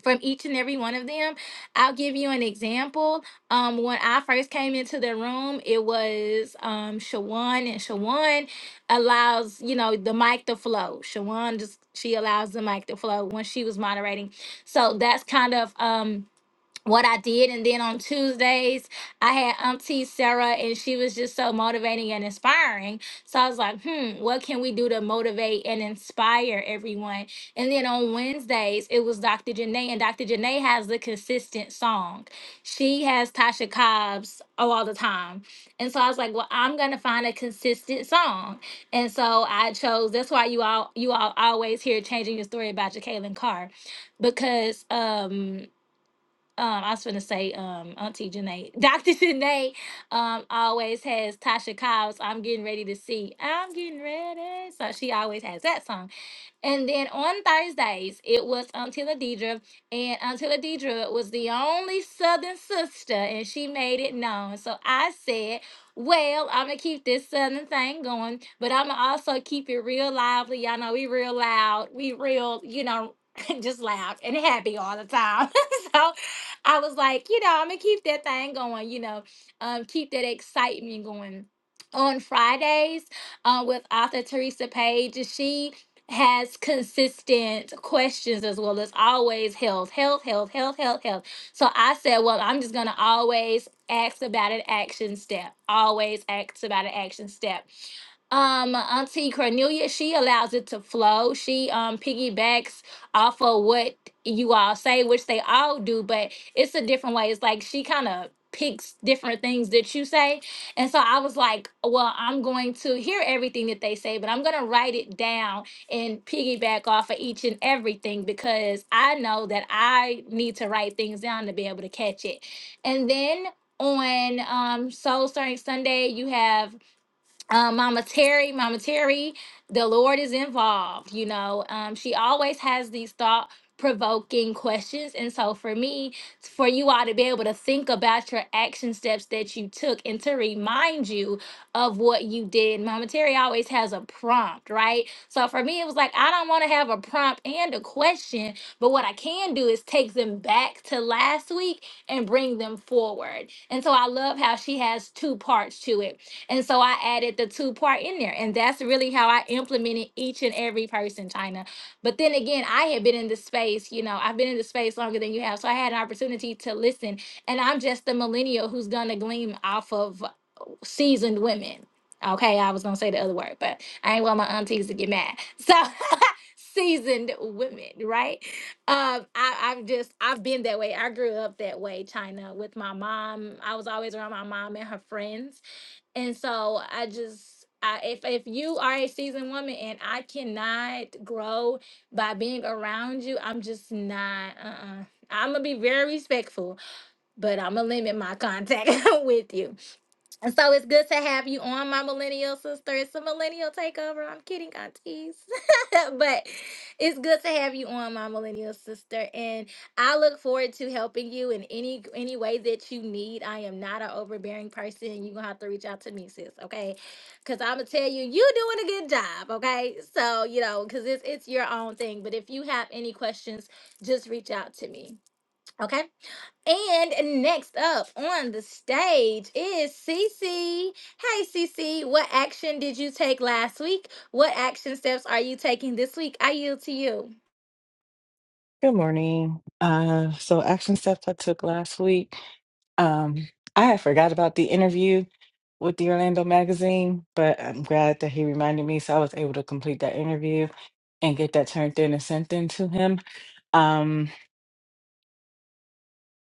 from each and every one of them. I'll give you an example. Um, when I first came into the room, it was um, Shawan, and Shawan allows you know the mic to flow. Shawan just she allows the mic to flow when she was moderating. So that's kind of um what I did. And then on Tuesdays, I had Auntie Sarah, and she was just so motivating and inspiring. So I was like, hmm, what can we do to motivate and inspire everyone? And then on Wednesdays, it was Dr. Janae, and Dr. Janae has the consistent song. She has Tasha Cobb's all the time. And so I was like, well, I'm gonna find a consistent song. And so I chose that's why you all you all always hear changing your story about your Jacqueline Carr. Because um um, I was gonna say, um, Auntie Janae, Dr. Janae, um, always has Tasha Cobb's "I'm Getting Ready to See." I'm getting ready, so she always has that song. And then on Thursdays, it was um, Tilla Deidre, and um, Tilla Deidre was the only Southern sister, and she made it known. So I said, well, I'm gonna keep this Southern thing going, but I'm gonna also keep it real lively. Y'all know we real loud, we real, you know, just loud and happy all the time. so I was like, you know, I'm gonna keep that thing going, you know, um, keep that excitement going. On Fridays, um, with author Teresa Page, she has consistent questions as well as always health, health, health, health, health, health. So I said, well, I'm just gonna always ask about an action step. Always ask about an action step. Um, Auntie Cornelia, she allows it to flow. She um piggybacks off of what you all say, which they all do, but it's a different way. It's like she kind of picks different things that you say. And so I was like, well, I'm going to hear everything that they say, but I'm going to write it down and piggyback off of each and everything because I know that I need to write things down to be able to catch it. And then on um, Soul Stirring Sunday, you have um, Mama Terry, Mama Terry, the Lord is involved. You know, um, she always has these thought provoking questions. And so, for me, for you all to be able to think about your action steps that you took and to remind you of what you did, Mama Terry always has a prompt, right? So, for me, it was like, I don't want to have a prompt and a question, but what I can do is take them back to last week and bring them forward. And so, I love how she has two parts to it and so I added the two part in there. And that's really how I implemented each and every person, China. But then again, I had been in the space, you know, I've been in the space longer than you have. So I had an opportunity to listen. And I'm just a millennial who's going to glean off of seasoned women. Okay, I was going to say the other word, but I ain't want my aunties to get mad. So seasoned women, right? Um, I, I've just, I've been that way. I grew up that way, China, with my mom. I was always around my mom and her friends and so I just I, if if you are a seasoned woman and I cannot grow by being around you, I'm just not. Uh, uh I'm gonna be very respectful, but I'm gonna limit my contact with you. And so it's good to have you on, my millennial sister. It's a millennial takeover. I'm kidding, aunties. but it's good to have you on, my millennial sister. And I look forward to helping you in any any way that you need. I am not an overbearing person. You're gonna have to reach out to me, sis, okay? Cause I'ma tell you, you doing a good job, okay? So, you know, cause it's it's your own thing. But if you have any questions, just reach out to me. Okay. And next up on the stage is Cece. Hey, Cece, what action did you take last week? What action steps are you taking this week? I yield to you.
Good morning. Uh, so action steps I took last week. Um, I had forgot about the interview with the Orlando magazine, but I'm glad that he reminded me, so I was able to complete that interview and get that turned in and sent in to him. Um,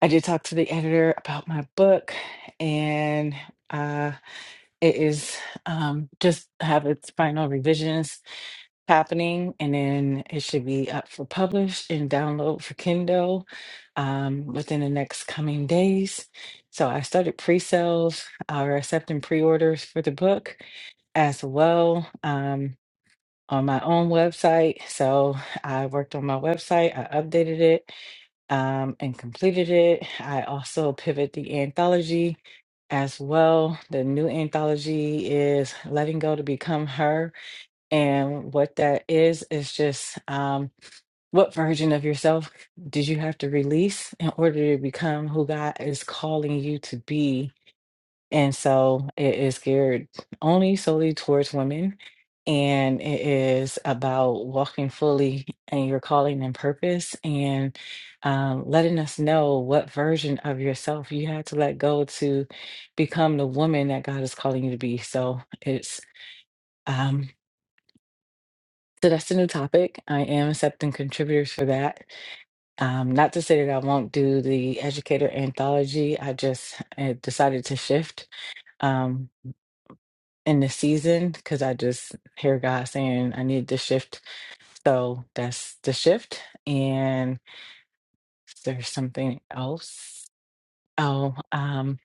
I did talk to the editor about my book, and uh, it is um, just have its final revisions happening and then it should be up for publish and download for kindle um, within the next coming days so i started pre-sales uh, or accepting pre-orders for the book as well um, on my own website so i worked on my website i updated it um, and completed it i also pivot the anthology as well the new anthology is letting go to become her and what that is, is just um, what version of yourself did you have to release in order to become who God is calling you to be? And so it is geared only solely towards women. And it is about walking fully in your calling and purpose and um, letting us know what version of yourself you had to let go to become the woman that God is calling you to be. So it's. Um, So that's a new topic. I am accepting contributors for that. Um, not to say that I won't do the educator anthology. I just uh, decided to shift um, in the season because I just hear God saying I need to shift. So that's the shift. And there's something else. Oh, um,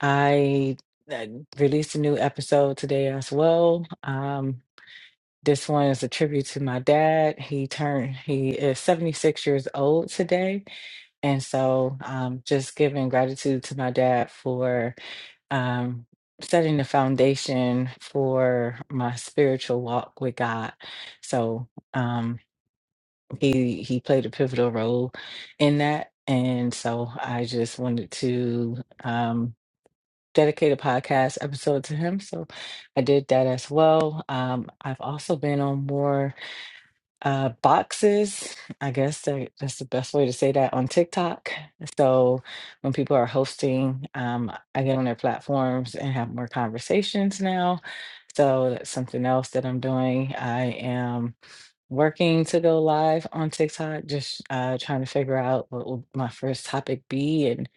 I, I released a new episode today as well. Um, This one is a tribute to my dad. He turned, he is 76 years old today. And so um, just giving gratitude to my dad for um, setting the foundation for my spiritual walk with God. So um, he, he played a pivotal role in that. And so I just wanted to um, dedicate a podcast episode to him. So I did that as well. Um, I've also been on more uh, boxes. I guess that, that's the best way to say that on TikTok. So when people are hosting, um, I get on their platforms and have more conversations now. So that's something else that I'm doing. I am working to go live on TikTok, just uh, trying to figure out what will my first topic be and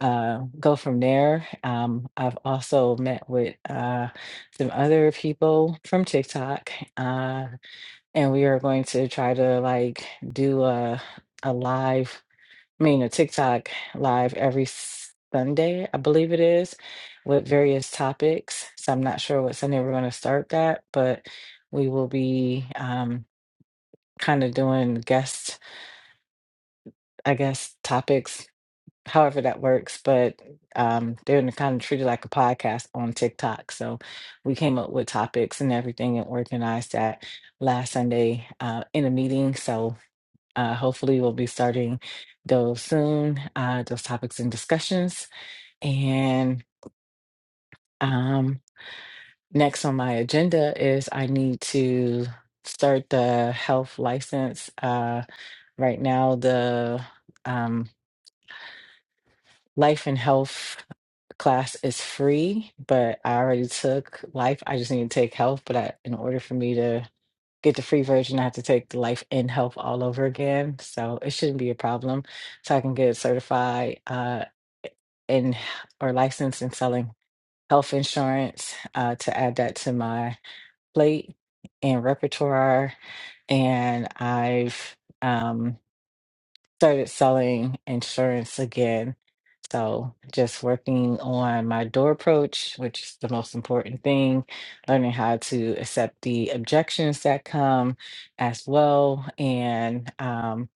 uh, go from there. Um, I've also met with uh, some other people from TikTok. Uh, and we are going to try to like do a a live, I mean a TikTok live every Sunday, I believe it is, with various topics. So I'm not sure what Sunday we're going to start that, but we will be um, kind of doing guest, I guess, topics, however that works. But um, they're kind of treated like a podcast on TikTok. So we came up with topics and everything and organized that last Sunday uh, in a meeting. So Uh, hopefully, we'll be starting those soon, uh, those topics and discussions. And um, next on my agenda is I need to start the health license. Uh, right now, the um, life and health class is free, but I already took life. I just need to take health. But I, in order for me to get the free version, I have to take the life and health all over again. So it shouldn't be a problem so I can get certified. Uh, and or licensed in selling health insurance uh, to add that to my plate and repertoire and i've um, started selling insurance again so just working on my door approach, which is the most important thing, learning how to accept the objections that come as well, and um,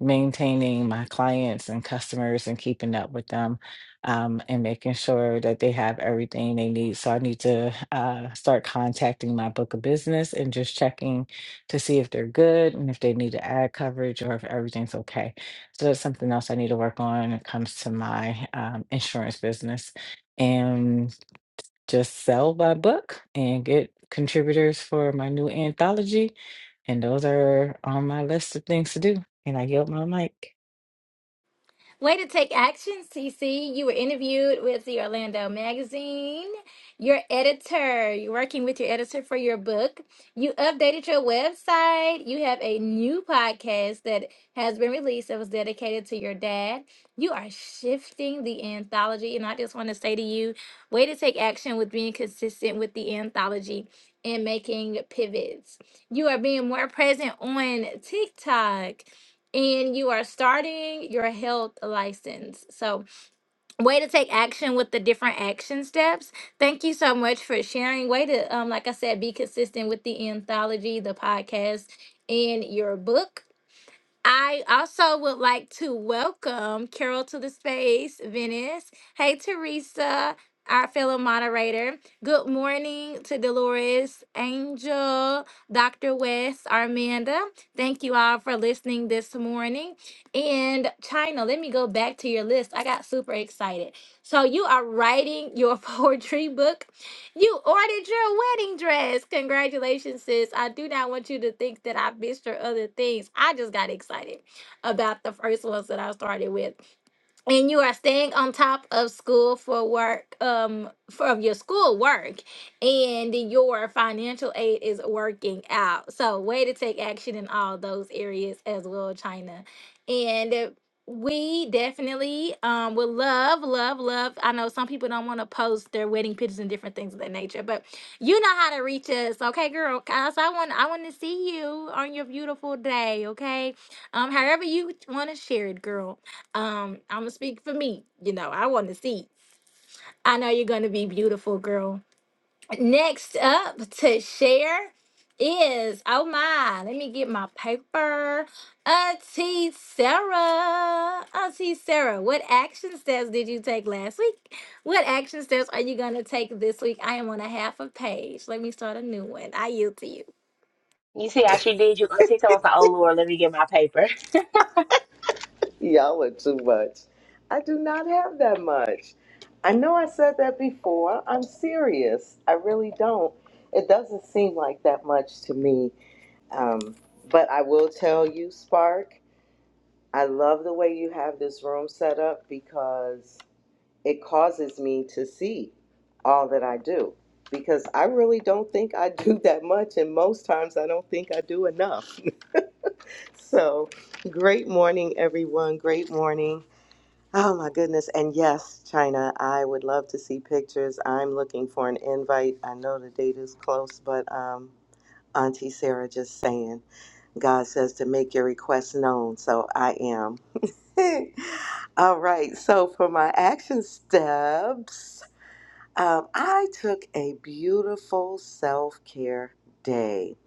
maintaining my clients and customers and keeping up with them um, and making sure that they have everything they need. So I need to uh, start contacting my book of business and just checking to see if they're good and if they need to add coverage or if everything's okay so that's something else I need to work on when it comes to my um, insurance business and just sell my book and get contributors for my new anthology. And those are on my list of things to do. And I yield my mic.
Way to take action, CC. You were interviewed with the Orlando Magazine. Your editor, you're working with your editor for your book. You updated your website. You have a new podcast that has been released that was dedicated to your dad. You are shifting the anthology. And I just want to say to you, way to take action with being consistent with the anthology and making pivots. You are being more present on TikTok and you are starting your health license. So, way to take action with the different action steps. Thank you so much for sharing. Way to, um, like I said, be consistent with the anthology, the podcast, and your book. I also would like to welcome Carol to the space, Venice. Hey, Teresa, our fellow moderator. Good morning to Dolores, Angel, Dr. West, Armanda. Thank you all for listening this morning. And China, let me go back to your list. I got super excited. So, you are writing your poetry book you ordered your wedding dress. Congratulations, sis. I do not want you to think that I missed your other things. I just got excited about the first ones that I started with and you are staying on top of school for work um for of your school work and your financial aid is working out so way to take action in all those areas as well china and uh, we definitely um would love love love i know some people don't want to post their wedding pictures and different things of that nature but you know how to reach us okay girl cause i want i want to see you on your beautiful day okay um however you want to share it girl um, I'm gonna speak for me. You know, I want to see. I know you're gonna be beautiful, girl. Next up to share is oh my, let me get my paper. Auntie Sarah, Auntie Sarah, what action steps did you take last week? What action steps are you gonna take this week? I am on a half a page. Let me start a new one. I yield to you.
You see how she did you. Auntie Thomas, like, oh Lord, let me get my paper.
Y'all are too much. I do not have that much. I know I said that before. I'm serious. I really don't. It doesn't seem like that much to me. Um, but I will tell you, Spark, I love the way you have this room set up because it causes me to see all that I do. Because I really don't think I do that much, and most times I don't think I do enough. So, great morning, everyone. Great morning. Oh my goodness. And yes, China, I would love to see pictures. I'm looking for an invite. I know the date is close, but um, Auntie Sarah just saying, God says to make your requests known. So I am. All right. So for my action steps, um, I took a beautiful self care day.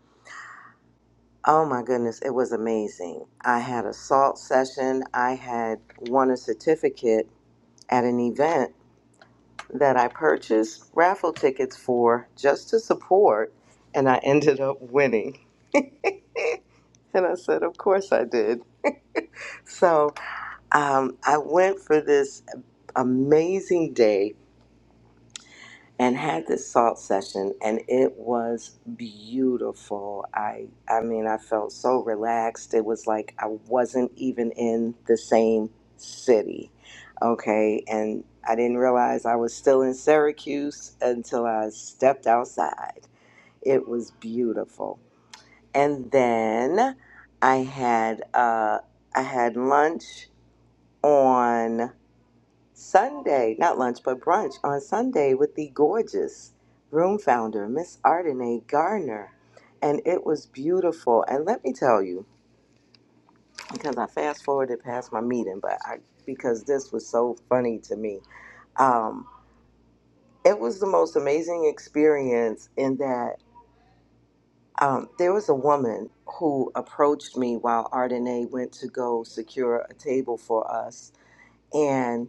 Oh my goodness, it was amazing. I had a salt session, I had won a certificate at an event that I purchased raffle tickets for just to support, and I ended up winning. and I said, Of course I did. So um, I went for this amazing day and had this salt session and it was beautiful i i mean i felt so relaxed it was like i wasn't even in the same city okay and i didn't realize i was still in syracuse until i stepped outside it was beautiful and then i had uh i had lunch on Sunday, not lunch, but brunch on Sunday with the gorgeous room founder, Miss Ardenae Gardner. And it was beautiful. And let me tell you, because I fast forwarded past my meeting, but I because this was so funny to me. Um, it was the most amazing experience in that um, there was a woman who approached me while Ardenae went to go secure a table for us. and.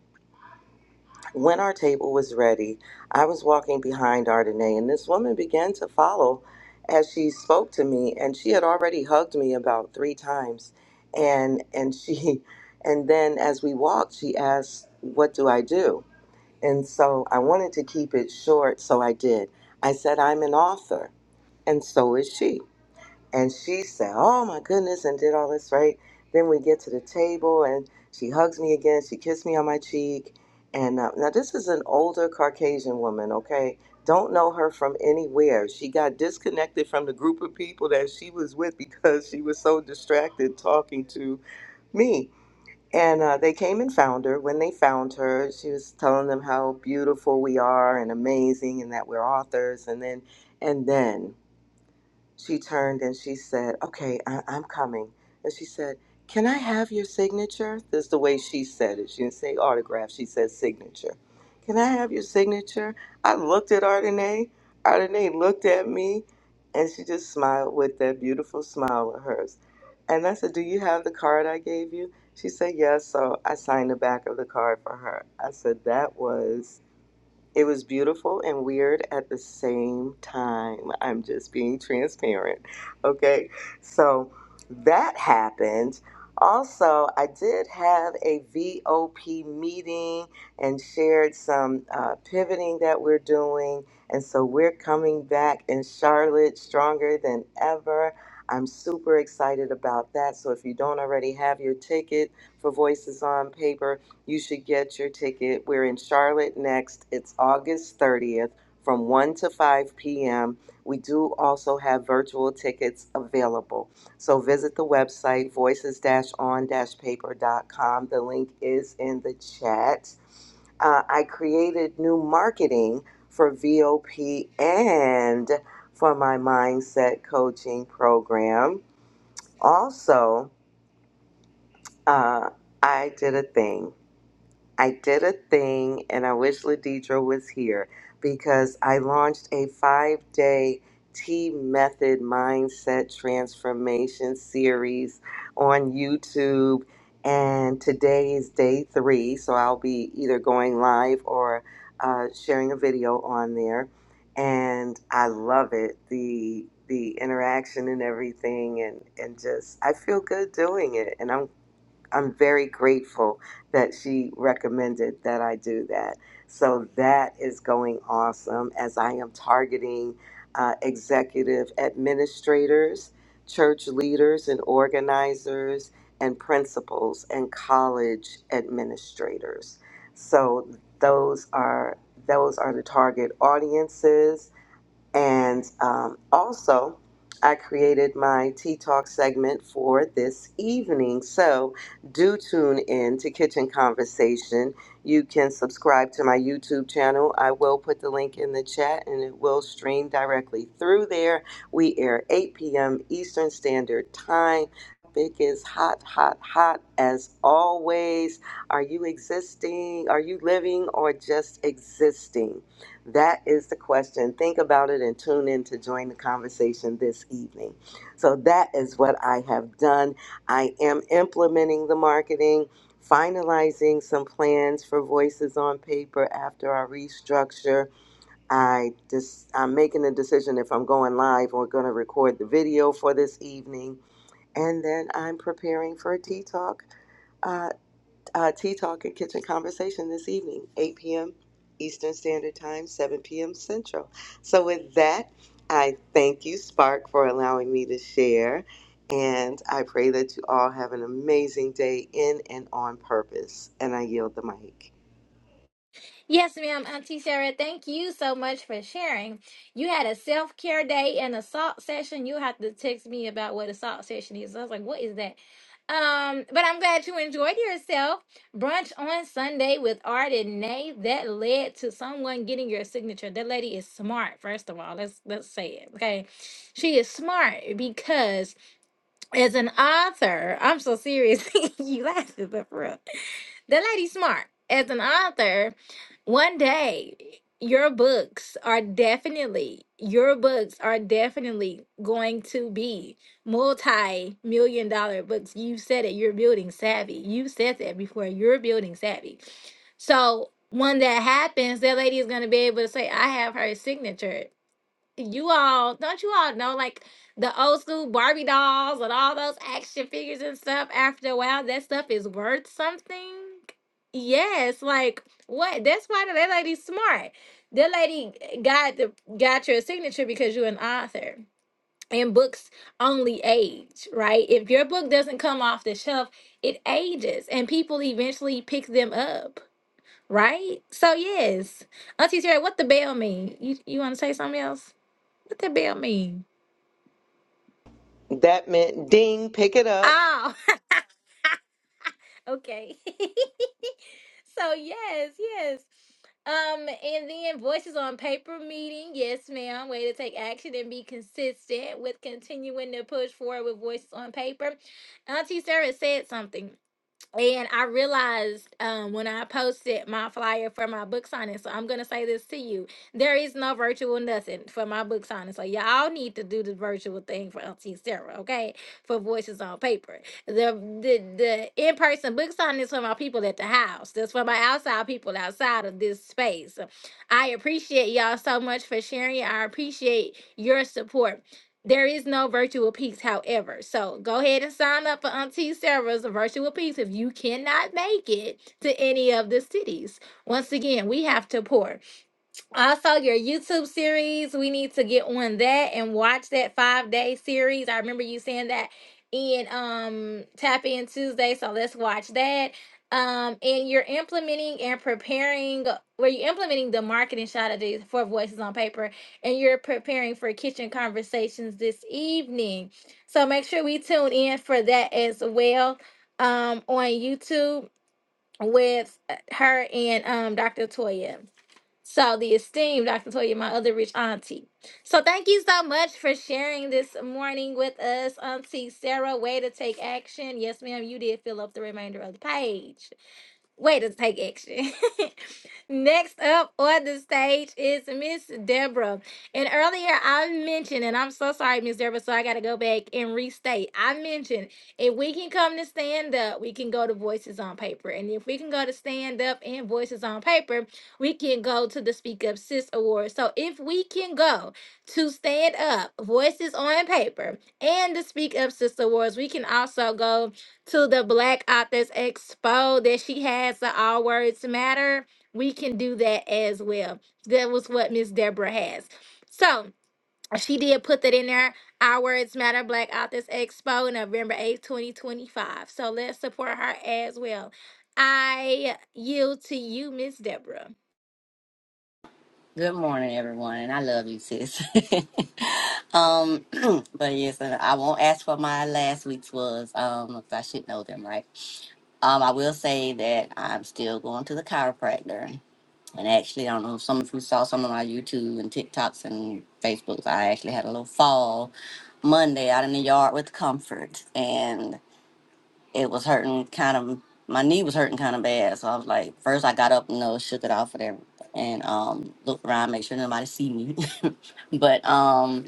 When our table was ready, I was walking behind Ardenae, and this woman began to follow as she spoke to me, and she had already hugged me about three times, and and she, and then as we walked, she asked, "What do I do?" And so I wanted to keep it short, so I did. I said, "I'm an author," and so is she. And she said, Oh my goodness, and did all this, right? Then we get to the table and she hugs me again. She kissed me on my cheek. And uh, now this is an older Caucasian woman, okay? Don't know her from anywhere. She got disconnected from the group of people that she was with because she was so distracted talking to me. And uh, they came and found her. When they found her, she was telling them how beautiful we are and amazing and that we're authors. And then, and then she turned and she said, Okay, I- I'm coming. And she said, Can I have your signature? This is the way she said it. She didn't say autograph, she said signature. Can I have your signature? I looked at Ardenae. Ardenae looked at me and she just smiled with that beautiful smile of hers. And I said, Do you have the card I gave you? She said, Yes. So I signed the back of the card for her. I said, That was it was beautiful and weird at the same time. I'm just being transparent. Okay. So that happened. Also, I did have a VOP meeting and shared some uh, pivoting that we're doing. And so we're coming back in Charlotte stronger than ever. I'm super excited about that. So if you don't already have your ticket for Voices on Paper, you should get your ticket. We're in Charlotte next. It's August 30th from 1 to 5 p.m. We do also have virtual tickets available. So visit the website voices on paper.com. The link is in the chat. Uh, I created new marketing for VOP and for my mindset coaching program. Also, uh, I did a thing. I did a thing, and I wish Ladidra was here because I launched a five day T Method Mindset Transformation series on YouTube. And today is day three, so I'll be either going live or uh, sharing a video on there. And I love it the the interaction and everything, and and just I feel good doing it, and I'm I'm very grateful that she recommended that I do that. So that is going awesome as I am targeting uh, executive administrators, church leaders and organizers, and principals and college administrators. So those are those are the target audiences and um, also, I created my Tea Talk segment for this evening. So, do tune in to Kitchen Conversation. You can subscribe to my YouTube channel. I will put the link in the chat and it will stream directly through there. We air 8 p.m. Eastern Standard Time. Topic is hot, hot, hot as always. Are you existing? Are you living or just existing? That is the question. Think about it and tune in to join the conversation this evening. So, that is what I have done. I am implementing the marketing, finalizing some plans for Voices on Paper after our restructure. I just, I'm making a decision if I'm going live or going to record the video for this evening. And then I'm preparing for a tea talk Uh, uh, Tea Talk and Kitchen Conversation this evening, 8 p.m. Eastern Standard Time, 7 p.m. Central. So, with that, I thank you, Spark, for allowing me to share. And I pray that you all have an amazing day in and on purpose. And I yield the mic.
Yes, ma'am, Auntie Sarah, thank you so much for sharing. You had a self care day and a salt session. You have to text me about what a salt session is. I was like, what is that? Um, but I'm glad you enjoyed yourself. Brunch on Sunday with Art and Nay that led to someone getting your signature. That lady is smart, first of all. Let's let's say it. Okay. She is smart because as an author, I'm so serious. you laughing, but for real the lady's smart as an author one day your books are definitely your books are definitely going to be multi-million dollar books you said it you're building savvy you said that before you're building savvy so when that happens that lady is going to be able to say i have her signature you all don't you all know like the old school Barbie dolls and all those action figures and stuff after a while that stuff is worth something? Yes, like what that's why that lady's smart. That lady got the got your signature because you're an author. And books only age, right? If your book doesn't come off the shelf, it ages and people eventually pick them up, right? So yes. Auntie Sarah, what the bell mean? You you wanna say something else? What that bell mean?
That meant ding, pick it up.
Oh, okay. so yes, yes. Um, and then voices on paper meeting. Yes, ma'am. Way to take action and be consistent with continuing to push forward with voices on paper. Auntie Sarah said something. And I realized um, when I posted my flyer for my book signing, so I'm gonna say this to you: there is no virtual nothing for my book signing. So y'all need to do the virtual thing for Auntie Sarah, okay? For Voices on Paper, the the the in person book signing is for my people at the house. That's for my outside people outside of this space. I appreciate y'all so much for sharing. I appreciate your support. There is no virtual peaks, however. So go ahead and sign up for Auntie Sarah's virtual peaks if you cannot make it to any of the cities. Once again, we have to pour. I saw your YouTube series. We need to get on that and watch that five day series. I remember you saying that in um Tap In Tuesday, so let's watch that. Um, and you're implementing and preparing where you're implementing the marketing strategy for Voices on Paper, and you're preparing for kitchen conversations this evening. So make sure we tune in for that as well um, on YouTube with uh, her and um, Dr. Toya. So the esteemed Dr. Toya, my other rich auntie. So thank you so much for sharing this morning with us, Auntie Sarah. Way to take action. Yes, ma'am, you did fill up the remainder of the page way to take action. Next up on the stage is Miss Deborah. And earlier I mentioned, and I'm so sorry, Miss Deborah, so I got to go back and restate. I mentioned if we can come to stand up, we can go to Voices on Paper. And if we can go to stand up and Voices on Paper, we can go to the Speak Up Sis Awards. So if we can go to stand up, Voices on Paper, and the Speak Up Sis Awards, we can also go to the Black Authors Expo that she has the All Words Matter, we can do that as well. That was what Miss Deborah has. So she did put that in there. Our Words Matter Black Authors Expo, November 8th, 2025. So let's support her as well. I yield to you, Miss Deborah.
Good morning, everyone, and I love you, sis. um, but yes, and I won't ask for my last week's was. Um, 'cause I should know them, right? Um, I will say that I'm still going to the chiropractor, and actually, I don't know if some of you saw some of my YouTube and TikToks and Facebooks. I actually had a little fall Monday out in the yard with comfort, and it was hurting kind of my knee was hurting kind of bad so i was like first i got up and uh, shook it off of there and um looked around make sure nobody see me but um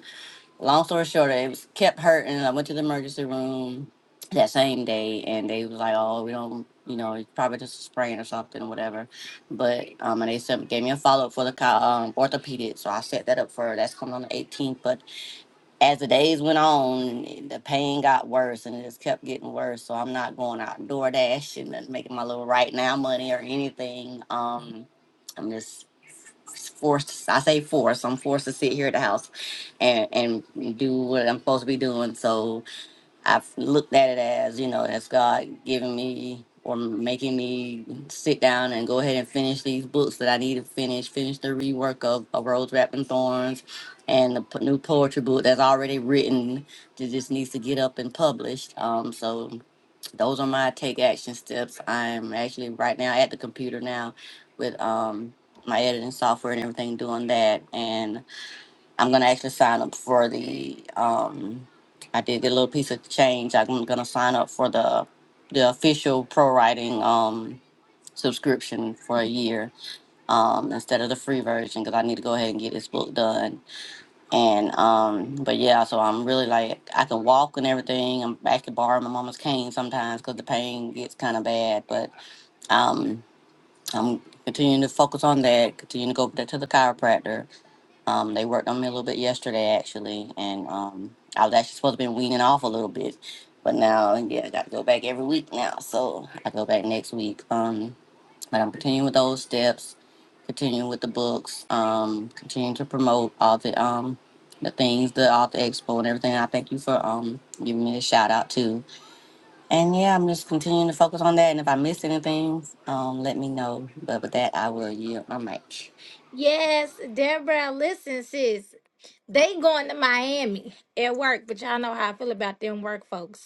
long story short it was kept hurting i went to the emergency room that same day and they was like oh we don't you know it's probably just a sprain or something or whatever but um and they sent, gave me a follow-up for the co- um, orthopedic so i set that up for that's coming on the 18th but as the days went on, the pain got worse and it just kept getting worse. So I'm not going out DoorDash and making my little right now money or anything. Um, I'm just forced. I say forced. I'm forced to sit here at the house and and do what I'm supposed to be doing. So I've looked at it as, you know, that's God giving me or making me sit down and go ahead and finish these books that I need to finish, finish the rework of, of Rose Wrapped in Thorns and the p- new poetry book that's already written that just needs to get up and published. Um, so those are my take action steps. I'm actually right now at the computer now with um, my editing software and everything doing that. and. I'm gonna actually sign up for the. Um, I did get a little piece of change. I'm gonna sign up for the the official pro writing um, subscription for a year um, instead of the free version because I need to go ahead and get this book done. And um, but yeah, so I'm really like I can walk and everything. I'm I can borrow my mama's cane sometimes because the pain gets kind of bad. But um, I'm continuing to focus on that. Continuing to go to the chiropractor um, they worked on me a little bit yesterday, actually, and um, I was actually supposed to be weaning off a little bit, but now, yeah, I got to go back every week now, so I go back next week. Um, but I'm continuing with those steps, continuing with the books, um, continuing to promote all the um, the things, the author expo and everything. I thank you for um giving me a shout out too. And yeah, I'm just continuing to focus on that. And if I miss anything, um, let me know. But with that, I will yield my mic.
Yes, Deborah, listen, sis. They going to Miami at work, but y'all know how I feel about them work folks.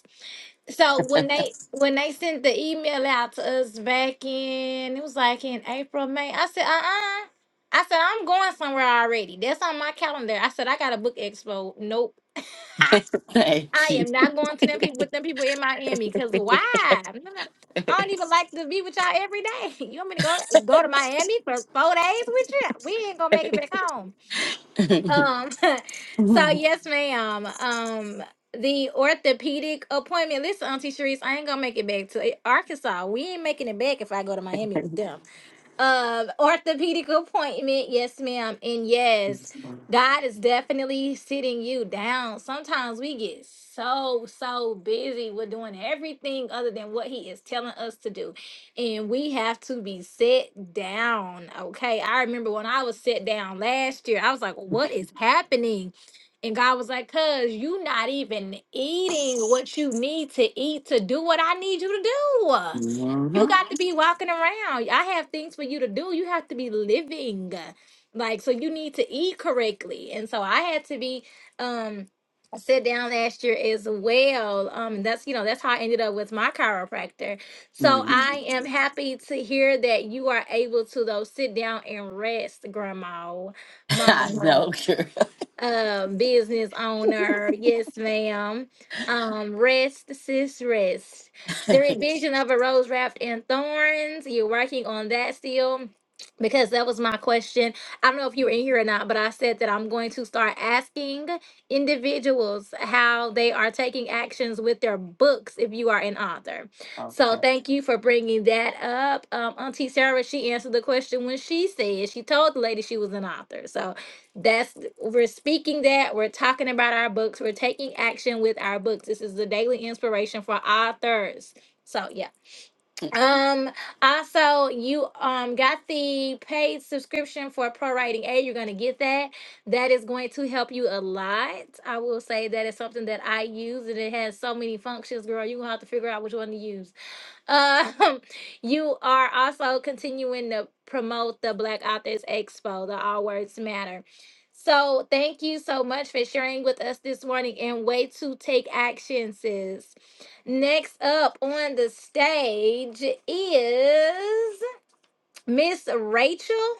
So when they when they sent the email out to us back in, it was like in April, May. I said, uh uh I said, I'm going somewhere already. That's on my calendar. I said, I got a book expo. Nope. I
Thank you.
am not going to them people with them people in Miami. Cause why? I'm not- I don't even like to be with y'all every day. You want me to go go to Miami for four days with you? We ain't gonna make it back home um so yes ma'am um the orthopedic appointment listen auntie Sharice, i ain't gonna make it back to arkansas we ain't making it back if i go to miami with them um orthopedic appointment yes ma'am and yes god is definitely sitting you down sometimes we get so so busy with doing everything other than what he is telling us to do and we have to be set down okay i remember when i was set down last year i was like what is happening and god was like cuz you not even eating what you need to eat to do what i need you to do
hmm
you got to be walking around. I have things for you to do. You have to be living. Like, so you need to eat correctly. And so I had to be um sit down last year as well. Um and that's you know, that's how I ended up with my chiropractor. So
Mm.
I am happy to hear that you are able to though sit down and rest, grandma,
I know,
mama
girl.
um business owner. Yes, ma'am. Um, rest, sis, rest. The revision of a rose wrapped in thorns. You're working on that still. Because that was my question. I don't know if you were in here or not, but I said that I'm going to start asking individuals how they are taking actions with their books if you are an author. So
okay.
thank you for bringing that up. Um, Auntie Sarah, she answered the question when she said she told the lady she was an author. So that's we're speaking that we're talking about our books we're taking action with our books this is the daily inspiration for authors so yeah um also you um got the paid subscription for pro writing a you're going to get that that is going to help you a lot i will say that is something that i use and it has so many functions girl you going to have to figure out which one to use um, you are also continuing to promote the Black Authors Expo, the All Words Matter. So, thank you so much for sharing with us this morning and way to take action, sis. Next up on the stage is Miss Rachel.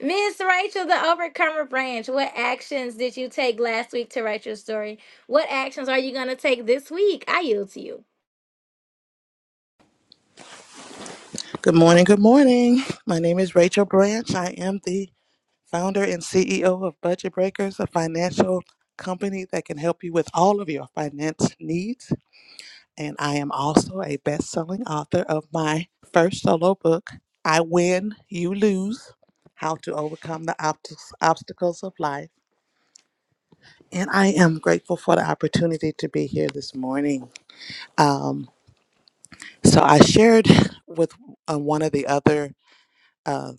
Miss Rachel, the Overcomer Branch. What actions did you take last week to write your story? What actions are you going to take this week? I yield to you.
Good morning. Good morning. My name is Rachel Branch. I am the founder and CEO of Budget Breakers, a financial company that can help you with all of your finance needs. And I am also a best selling author of my first solo book, I Win, You Lose How to Overcome the Obst- Obstacles of Life. And I am grateful for the opportunity to be here this morning. Um, so I shared with uh, one of the other. uh,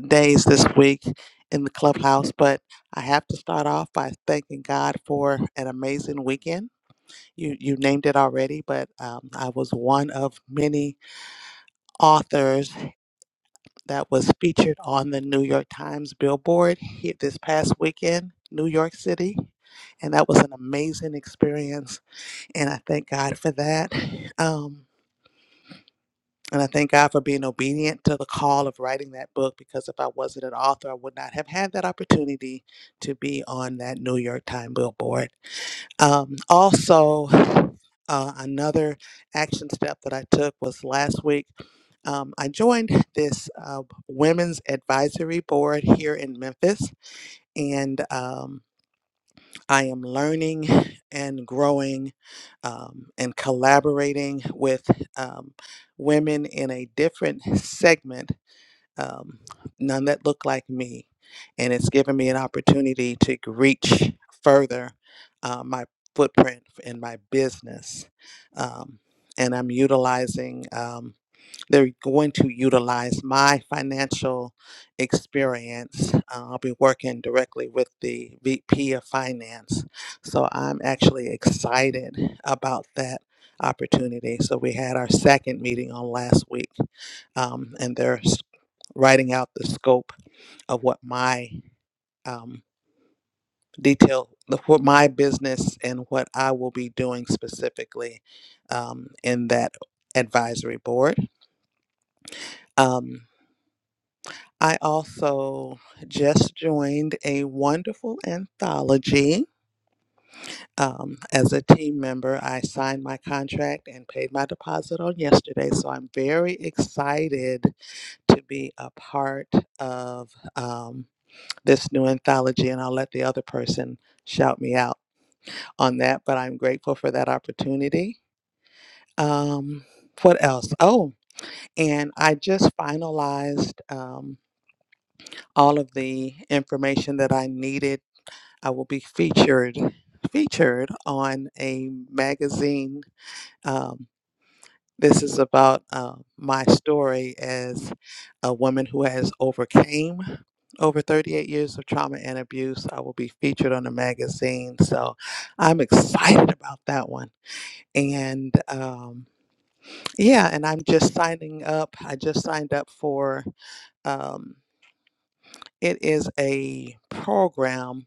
days this week in the clubhouse, but I have to start off by thanking God for an amazing weekend. You you named it already, but um, I was one of many authors that was featured on the New York Times billboard here this past weekend, New York City, and that was an amazing experience, and I thank God for that. Um, And I thank God for being obedient to the call of writing that book because if I wasn't an author, I would not have had that opportunity to be on that New York Times billboard. Um, also, uh, another action step that I took was last week. Um, I joined this uh, women's advisory board here in Memphis, and um, I am learning and growing um, and collaborating with um, women in a different segment, um, none that look like me. And it's given me an opportunity to reach further uh, my footprint in my business. Um, and I'm utilizing um, they're going to utilize my financial experience. Uh, I'll be working directly with the VP of Finance. So I'm actually excited about that opportunity. So we had our second meeting on last week, um, and they're s- writing out the scope of what my um, detail, the- what my business and what I will be doing specifically um, in that advisory board. Um, I also just joined a wonderful anthology. Um, as a team member, I signed my contract and paid my deposit on yesterday. So I'm very excited to be a part of um, this new anthology, and I'll let the other person shout me out on that. But I'm grateful for that opportunity. Um, what else? Oh, and I just finalized um, all of the information that I needed I will be featured featured on a magazine. Um, this is about uh, my story as a woman who has overcame over 38 years of trauma and abuse. I will be featured on a magazine, so I'm excited about that one. And um, yeah, and I'm just signing up. I just signed up for um, it is a program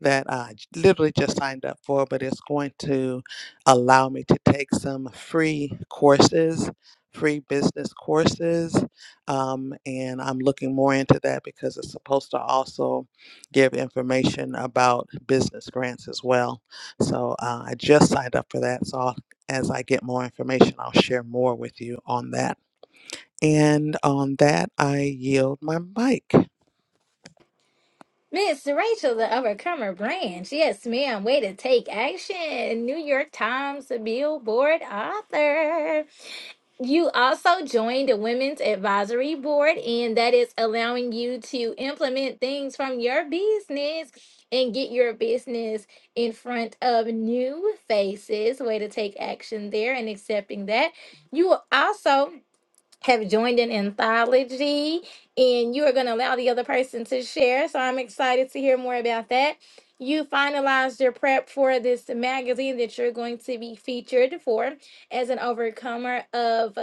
that I j- literally just signed up for, but it's going to allow me to take some free courses, free business courses. Um, and I'm looking more into that because it's supposed to also give information about business grants as well. So uh, I just signed up for that. So I'll, as I get more information, I'll share more with you on that. And on that, I yield my mic.
Miss Rachel, the Overcomer Branch. Yes, ma'am. Way to take action. New York Times Billboard author. You also joined the Women's Advisory Board, and that is allowing you to implement things from your business and get your business in front of new faces. Way to take action there and accepting that. You will also have joined in anthology and you are going to allow the other person to share. So I'm excited to hear more about that. You finalized your prep for this magazine that you're going to be featured for as an overcomer of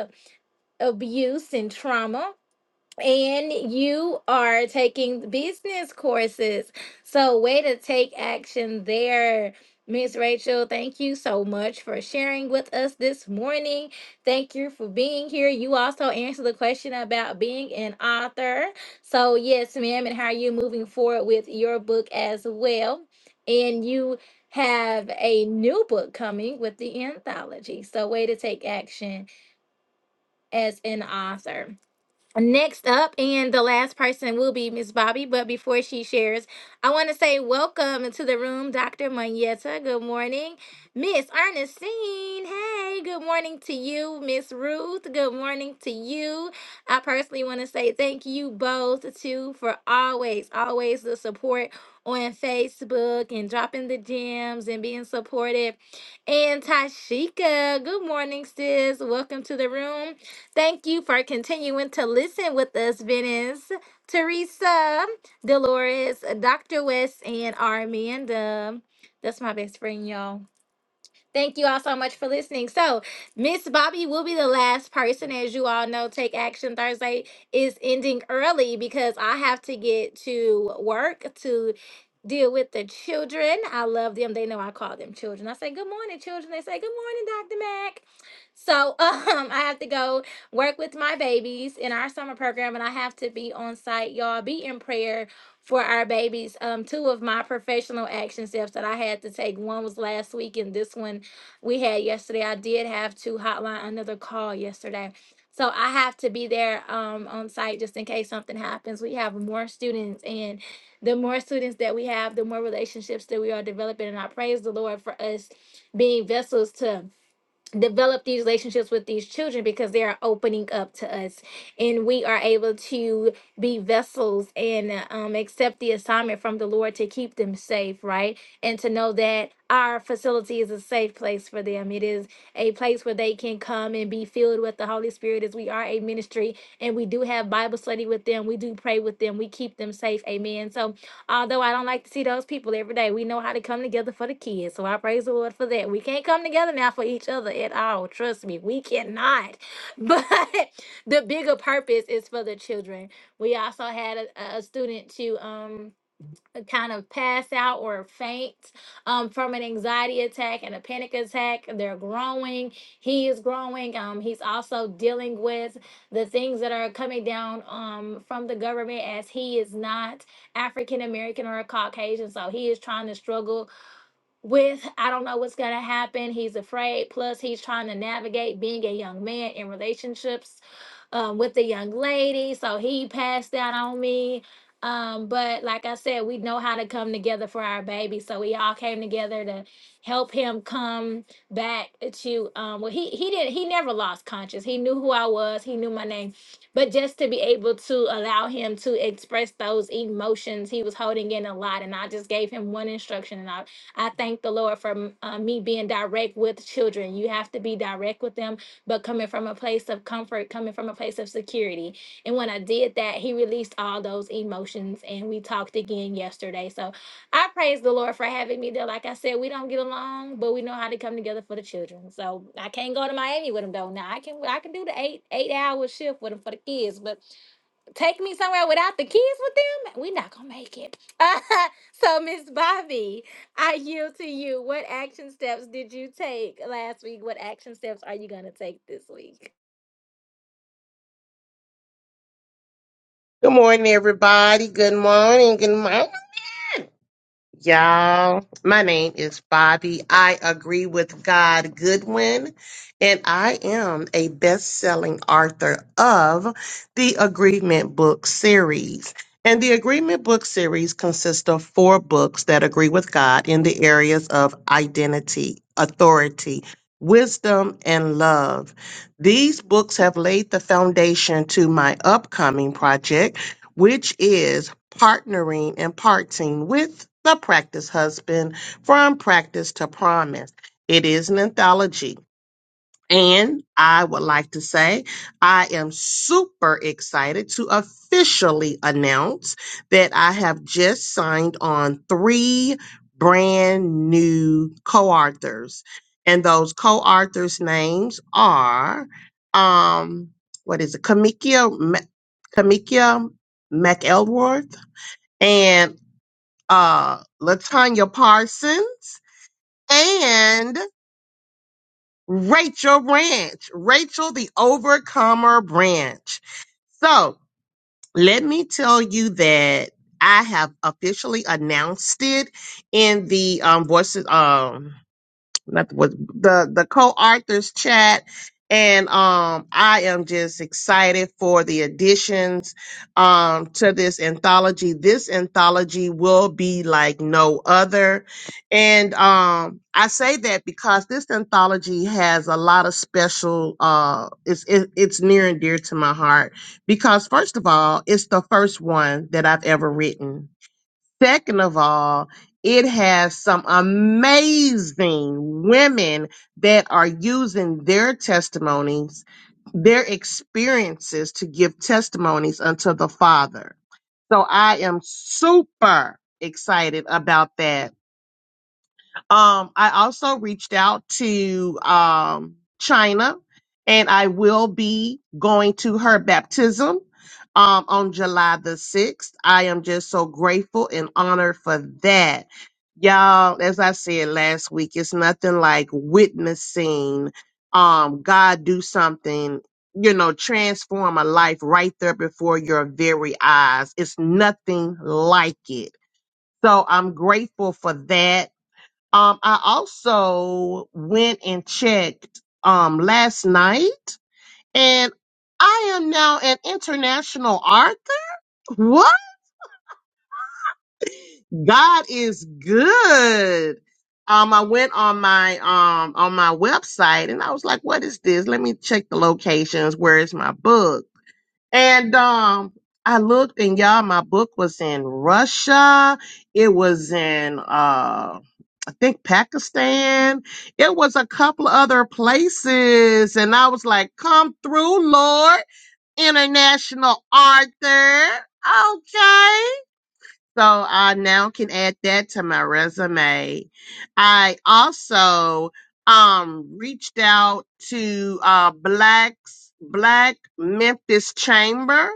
abuse and trauma and you are taking business courses. So, way to take action there. Miss Rachel, thank you so much for sharing with us this morning. Thank you for being here. You also answered the question about being an author. So, yes, ma'am, and how are you moving forward with your book as well? And you have a new book coming with the anthology. So, way to take action as an author. Next up, and the last person will be Miss Bobby. But before she shares, I want to say welcome to the room, Dr. Mayetta. Good morning, Miss Ernestine. Hey, good morning to you, Miss Ruth. Good morning to you. I personally want to say thank you both too for always, always the support on Facebook and dropping the gems and being supportive. And Tashika, good morning, sis. Welcome to the room. Thank you for continuing to listen with us, Venice, Teresa, Dolores, Dr. West, and Armanda. That's my best friend, y'all. Thank you all so much for listening. So, Miss Bobby will be the last person. As you all know, Take Action Thursday is ending early because I have to get to work to deal with the children. I love them. They know I call them children. I say, Good morning, children. They say, Good morning, Dr. Mac. So, um, I have to go work with my babies in our summer program, and I have to be on site. Y'all be in prayer for our babies. Um, two of my professional action steps that I had to take. One was last week, and this one we had yesterday. I did have to hotline another call yesterday. So I have to be there um, on site just in case something happens. We have more students, and the more students that we have, the more relationships that we are developing. And I praise the Lord for us being vessels to develop these relationships with these children because they are opening up to us and we are able to be vessels and um, accept the assignment from the lord to keep them safe right and to know that our facility is a safe place for them it is a place where they can come and be filled with the holy spirit as we are a ministry and we do have bible study with them we do pray with them we keep them safe amen so Although I don't like to see those people every day, we know how to come together for the kids. So I praise the Lord for that. We can't come together now for each other at all. Trust me, we cannot. But the bigger purpose is for the children. We also had a, a student to um kind of pass out or faint um, from an anxiety attack and a panic attack. They're growing. He is growing. Um, he's also dealing with the things that are coming down um, from the government as he is not African American or a Caucasian. So he is trying to struggle with I don't know what's going to happen. He's afraid. Plus, he's trying to navigate being a young man in relationships um, with a young lady. So he passed out on me. Um, but like I said, we know how to come together for our baby. So we all came together to help him come back to um well he he didn't he never lost conscience. He knew who I was, he knew my name. But just to be able to allow him to express those emotions, he was holding in a lot. And I just gave him one instruction and I I thank the Lord for uh, me being direct with children. You have to be direct with them, but coming from a place of comfort, coming from a place of security. And when I did that, He released all those emotions, and we talked again yesterday. So I praise the Lord for having me there. Like I said, we don't get along, but we know how to come together for the children. So I can't go to Miami with them though. Now I can I can do the eight eight hour shift with them for the kids, but take me somewhere without the kids with them, we're not gonna make it. so, Miss Bobby, I yield to you. What action steps did you take last week? What action steps are you gonna take this week?
Good morning, everybody. Good morning. Good morning. Y'all, my name is Bobby. I agree with God Goodwin, and I am a best selling author of the Agreement Book Series. And the Agreement Book Series consists of four books that agree with God in the areas of identity, authority, wisdom, and love. These books have laid the foundation to my upcoming project which is partnering and parting with the practice husband from practice to promise. It is an anthology and I would like to say I am super excited to officially announce that I have just signed on three brand new co authors. And those co authors' names are, um, what is it, Kamikia, Ma- Kamikia McElworth and uh, Latanya Parsons. And Rachel Branch, Rachel the Overcomer Branch. So let me tell you that I have officially announced it in the um, voices. Um, not the was the the co-authors chat and um I am just excited for the additions um to this anthology. This anthology will be like no other. And um I say that because this anthology has a lot of special uh it's it, it's near and dear to my heart because first of all, it's the first one that I've ever written Second of all, it has some amazing women that are using their testimonies, their experiences to give testimonies unto the Father. So I am super excited about that um, I also reached out to um, China, and I will be going to her baptism um, on July the 6th. I am just so grateful and honored for that. Y'all, as I said last week, it's nothing like witnessing um, God do something, you know, transform a life right there before your very eyes. It's nothing like it. So I'm grateful for that. Um, I also went and checked um last night, and I am now an international author. What? God is good. Um, I went on my um on my website and I was like, "What is this? Let me check the locations. Where is my book?" And um, I looked, and y'all, my book was in Russia. It was in um I think Pakistan. It was a couple other places. And I was like, come through, Lord. International Arthur. Okay. So I now can add that to my resume. I also um reached out to uh Black's Black Memphis Chamber.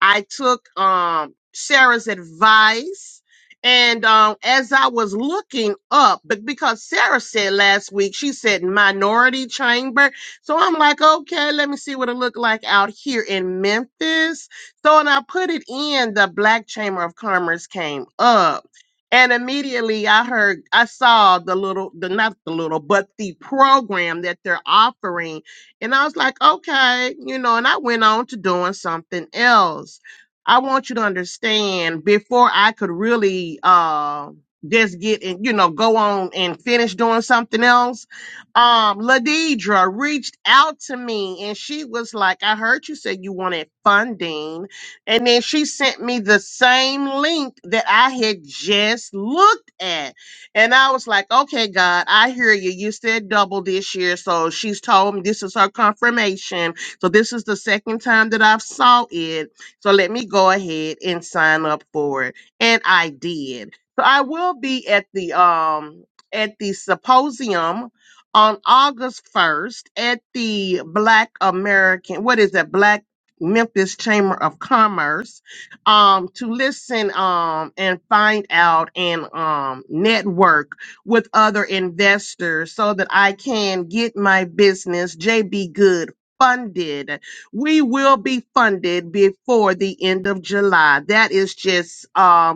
I took um Sarah's advice and um as I was looking up but because Sarah said last week she said minority chamber. So I'm like, okay, let me see what it looked like out here in Memphis so when I put it in, the Black Chamber of Commerce came up. And immediately I heard, I saw the little, the not the little, but the program that they're offering. And I was like, okay, you know, and I went on to doing something else. I want you to understand before I could really uh just get and you know go on and finish doing something else. Um Ladidra reached out to me and she was like, I heard you said you wanted funding and then she sent me the same link that I had just looked at. And I was like, okay, God, I hear you. You said double this year. So she's told me this is her confirmation. So this is the second time that I've saw it. So let me go ahead and sign up for it. And I did. So I will be at the um at the symposium on August 1st at the Black American, what is that? Black? Memphis Chamber of Commerce um, to listen um, and find out and um, network with other investors so that I can get my business, JB Good. Funded. We will be funded before the end of July. That is just um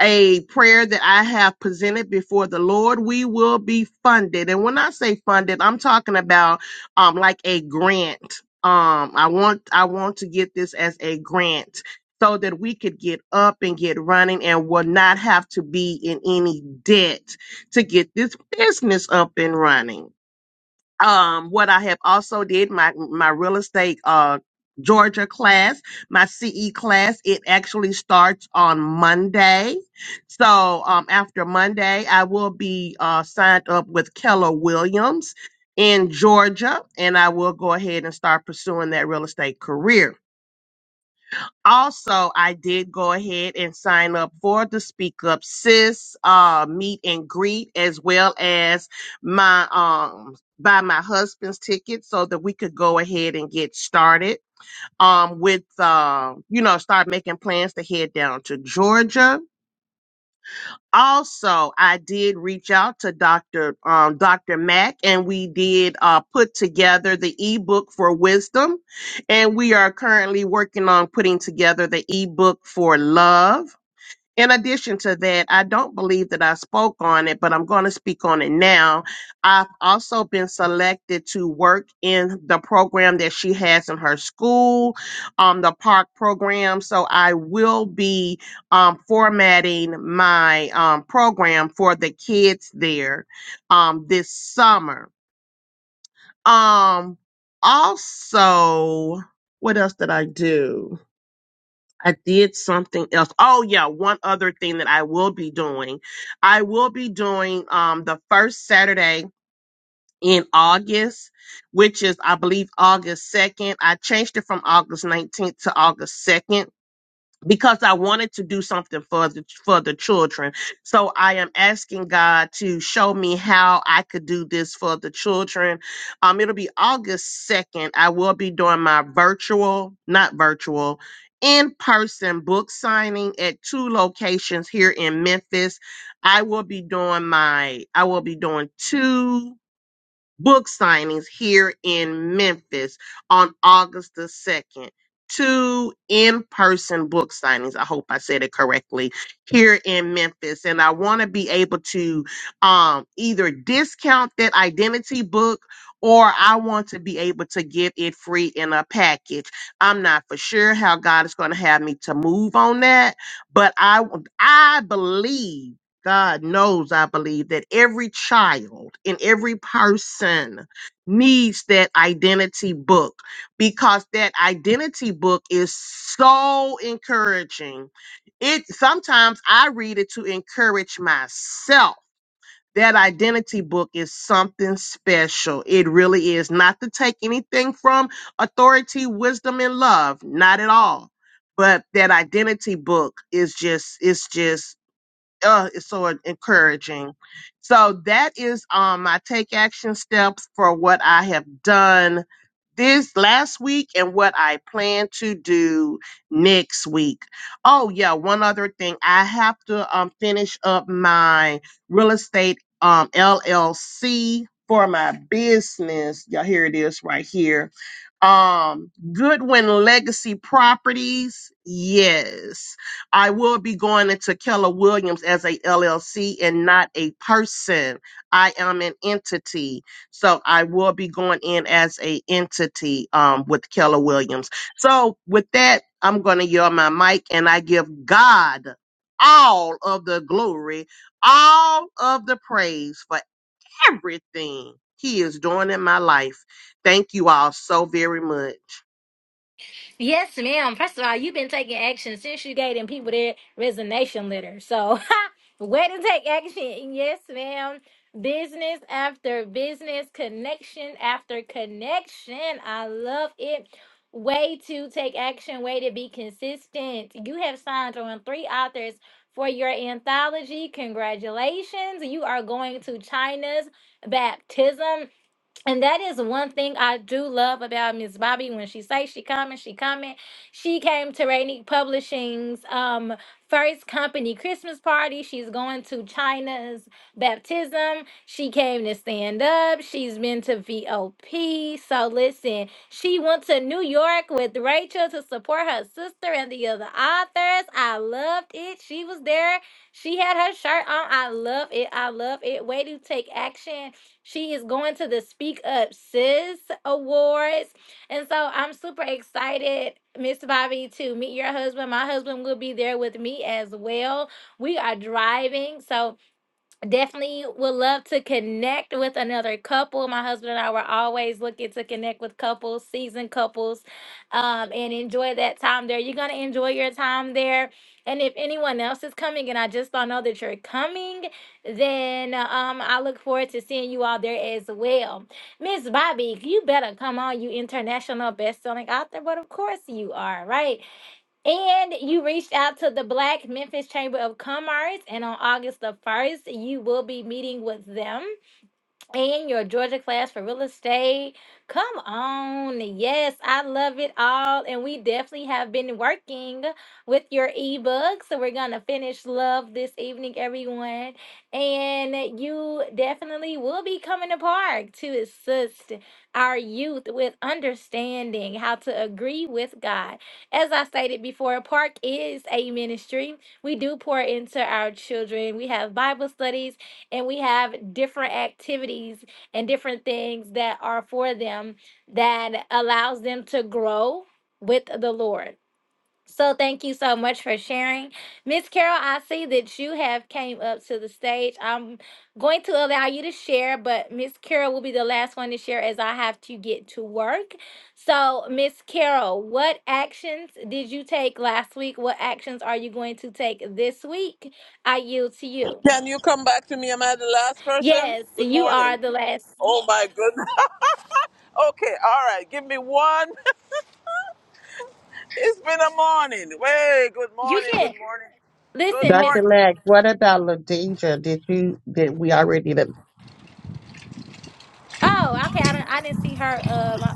a prayer that I have presented before the Lord, we will be funded. And when I say funded, I'm talking about um like a grant. Um I want I want to get this as a grant so that we could get up and get running and will not have to be in any debt to get this business up and running um, what I have also did my my real estate uh Georgia class, my CE class, it actually starts on Monday. So um, after Monday, I will be uh, signed up with Keller Williams in Georgia, and I will go ahead and start pursuing that real estate career also i did go ahead and sign up for the speak up sis uh meet and greet as well as my um buy my husband's ticket so that we could go ahead and get started um with uh, you know start making plans to head down to georgia also i did reach out to dr um, dr mack and we did uh, put together the ebook for wisdom and we are currently working on putting together the ebook for love in addition to that, I don't believe that I spoke on it, but I'm going to speak on it now. I've also been selected to work in the program that she has in her school, um, the park program. So I will be um, formatting my um, program for the kids there um, this summer. Um, also, what else did I do? I did something else. Oh yeah, one other thing that I will be doing. I will be doing um the first Saturday in August, which is I believe August 2nd. I changed it from August 19th to August 2nd because I wanted to do something for the for the children. So I am asking God to show me how I could do this for the children. Um, it'll be August second. I will be doing my virtual, not virtual, in person book signing at two locations here in Memphis. I will be doing my. I will be doing two book signings here in Memphis on August the 2nd. Two in person book signings. I hope I said it correctly here in Memphis. And I want to be able to um, either discount that identity book or I want to be able to give it free in a package. I'm not for sure how God is going to have me to move on that, but I, I believe God knows, I believe, that every child and every person needs that identity book because that identity book is so encouraging. It sometimes I read it to encourage myself. That identity book is something special. It really is. Not to take anything from authority, wisdom, and love. Not at all. But that identity book is just, it's just uh, is so encouraging. So that is um my take action steps for what I have done this last week and what I plan to do next week. Oh yeah, one other thing. I have to um finish up my real estate um LLC for my business. Y'all here it is right here. Um Goodwin Legacy Properties. Yes. I will be going into Keller Williams as a LLC and not a person. I am an entity. So I will be going in as a entity um, with Keller Williams. So with that, I'm going to yell my mic and I give God all of the glory, all of the praise for everything he is doing in my life. Thank you all so very much.
Yes, ma'am. First of all, you've been taking action since you gave them people their resignation letter. So, way to take action. Yes, ma'am. Business after business, connection after connection. I love it. Way to take action, way to be consistent. You have signed on three authors for your anthology. Congratulations. You are going to China's baptism. And that is one thing I do love about Miss Bobby. When she say she coming, she coming. She came to Rainy Publishing's um, first company Christmas party. She's going to China's baptism. She came to stand up. She's been to VOP. So listen, she went to New York with Rachel to support her sister and the other authors. I loved it. She was there. She had her shirt on. I love it. I love it. Way to take action she is going to the Speak Up Sis Awards. And so I'm super excited, Miss Bobby, to meet your husband. My husband will be there with me as well. We are driving. So definitely would love to connect with another couple. My husband and I were always looking to connect with couples, seasoned couples, um, and enjoy that time there. You're going to enjoy your time there. And if anyone else is coming and I just don't know that you're coming, then um, I look forward to seeing you all there as well. Miss Bobby, you better come on, you international best-selling author, but of course you are, right? And you reached out to the Black Memphis Chamber of Commerce, and on August the 1st, you will be meeting with them and your Georgia class for real estate. Come on. Yes, I love it all. And we definitely have been working with your ebook. So we're going to finish love this evening, everyone. And you definitely will be coming to park to assist our youth with understanding how to agree with God. As I stated before, park is a ministry. We do pour into our children, we have Bible studies and we have different activities and different things that are for them that allows them to grow with the Lord. So thank you so much for sharing. Miss Carol, I see that you have came up to the stage. I'm going to allow you to share, but Miss Carol will be the last one to share as I have to get to work. So, Miss Carol, what actions did you take last week? What actions are you going to take this week? I yield to you.
Can you come back to me? Am I the last person?
Yes,
Good
you are
morning.
the last.
Oh my goodness. okay, all right. Give me one. it's been a morning. Way. Good
You
morning. Good
can
morning. Good
listen, Miss.
Dr.
morning.
Mack, what about LaDeidre? Did you did we already
Oh, okay. I didn't. I didn't see her. Um,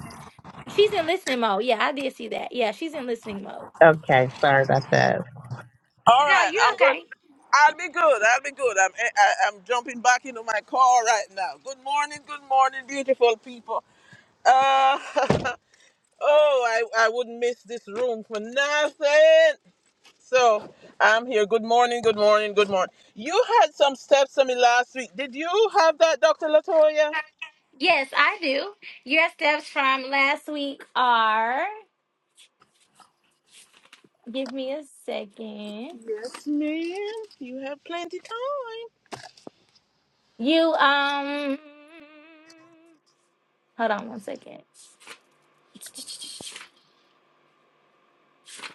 she's in listening mode. Yeah, I did see that. Yeah, she's in listening mode.
Okay, sorry about that.
All
No,
right.
you're
I'm good.
okay.
I'll be good. I'll be good. I'm eh, I, I'm jumping back into my car right now. Good morning. Good morning, beautiful people. Uh, oh, I I wouldn't miss this room for nothing. So I'm here. Good morning, good morning, good morning. You had some steps on me last week. Did you have that, Dr. Latoya?
Yes, I do. Your steps from last week are. Give me a second.
Yes, ma'am. You have plenty time.
You um. Hold on one second.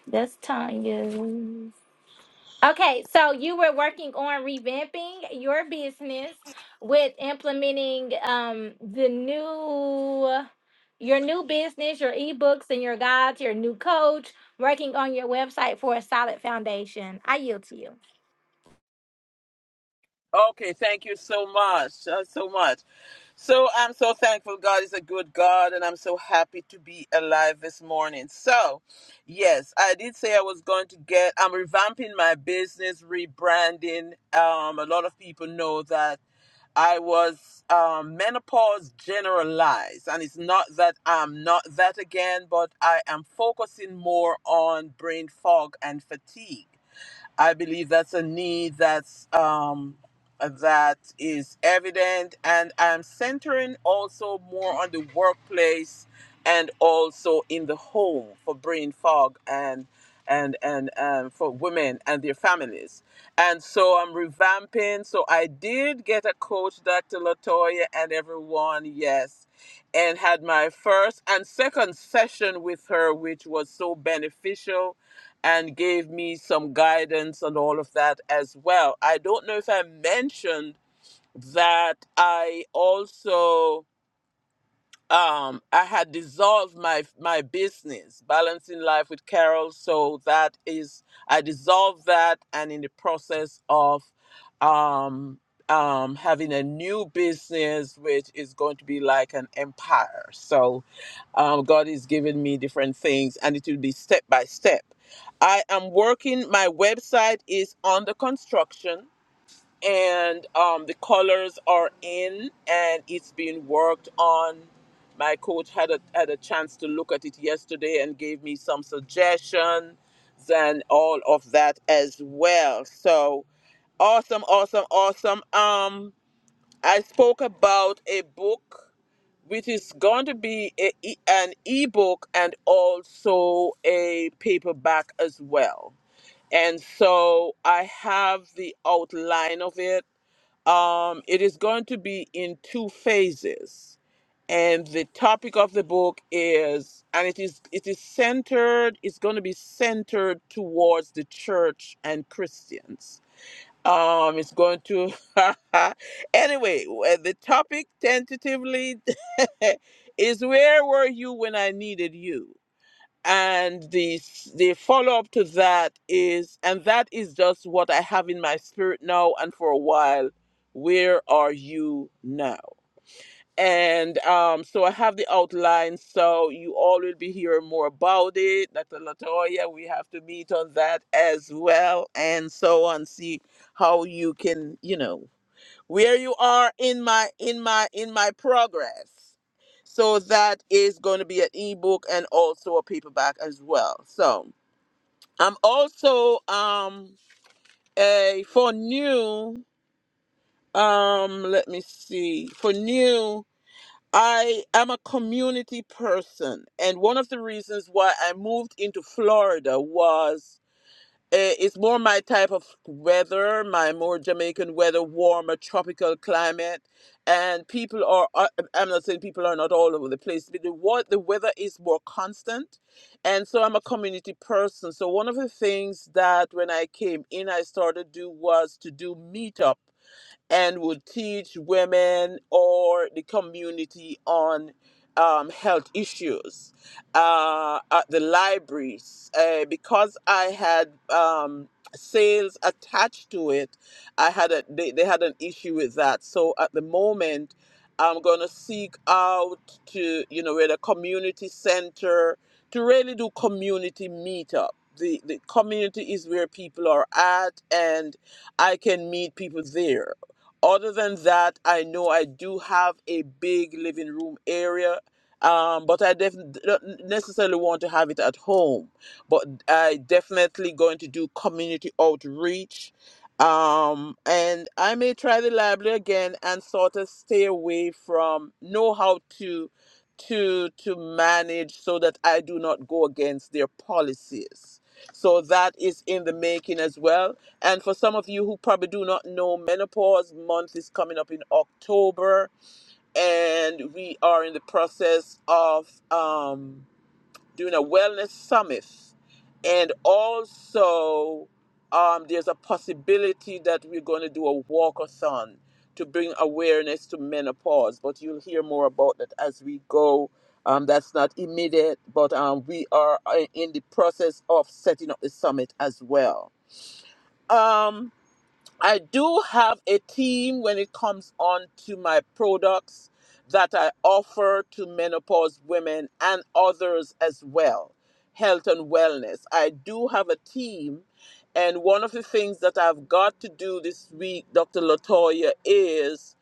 That's Tanya. Okay, so you were working on revamping your business with implementing um the new your new business, your ebooks and your guides, your new coach, working on your website for a solid foundation. I yield to you.
Okay, thank you so much. uh, so much. So I'm so thankful God is a good God and I'm so happy to be alive this morning. So, yes, I did say I was going to get I'm revamping my business, rebranding. Um a lot of people know that I was um, menopause generalized, and it's not that I'm not that again, but I am focusing more on brain fog and fatigue I believe that's a need that's um, that is evident, and I'm centering also more on the workplace and also in the home for brain fog and and and um, for women and their families. And so I'm revamping. So I did get a coach, Dr. Latoya, and everyone. Yes and had my first and second session with her, which was so beneficial and gave me some guidance and all of that as well. I don't know if I mentioned that I also um, I had dissolved my my business, balancing life with Carol. So that is, I dissolved that, and in the process of um, um, having a new business, which is going to be like an empire. So um, God is giving me different things, and it will be step by step. I am working. My website is under construction and um, the colors are in and it's being worked on. My coach had a had a chance to look at it yesterday and gave me some suggestions and all of that as well. So awesome, awesome, awesome. Um, I spoke about a book which is going to be a, e- an ebook and also a paperback as well. And so I have the outline of it um, it is going to be in two phases, and the topic of the book is, and it is it is centered. It's going to be centered towards the church and Christians. Um, it's going to anyway. uh, The topic tentatively is where were you when I needed you? and the the follow up to that is and that is just what i have in my spirit now and for a while where are you now and um so i have the outline so you all will be hearing more about it dr latoya we have to meet on that as well and so on see how you can you know where you are in my in my in my progress so that is going to be an ebook and also a paperback as well so i'm also um a for new um let me see for new i am a community person and one of the reasons why i moved into florida was. Eh, It's more my type of weather, my more Jamaican weather, warmer tropical climate, and people are. are- I'm not saying people are not all over the place, but the what the weather is more constant, and so I'm a community person. So one of the things that when I came in, I started do was to do meetups and would teach women or the community on um, health issues uh, at the libraries. Uh, because I had um, sales attached to it, I had a, they, they had an issue with that. So at the moment, I'm going to seek out to, you know, at a community center to really do community meetup. The, the community is where people are at and I can meet people there other than that, I know I do have a big living room area, um, but I def- don't necessarily want to have it at home. But I definitely going to do community outreach, um, and I may try the library again and sort of stay away from know how to to to manage so that I do not go against their policies. So that is in the making as well and for some of you who probably do not know, menopause month is coming up in October, and we are in the process of um, doing a wellness summit. And also, um, there's a possibility that we're going to do a walkathon to bring awareness to menopause. But you'll hear more about that as we go. Um, that's not immediate, but um, we are uh, in the process of setting up the summit as well. Um, I do have a team when it comes on to my products that I offer to menopause women and others as well, health and wellness. I do have a team. And one of the things that I've got to do this week, Dr. Latoya, is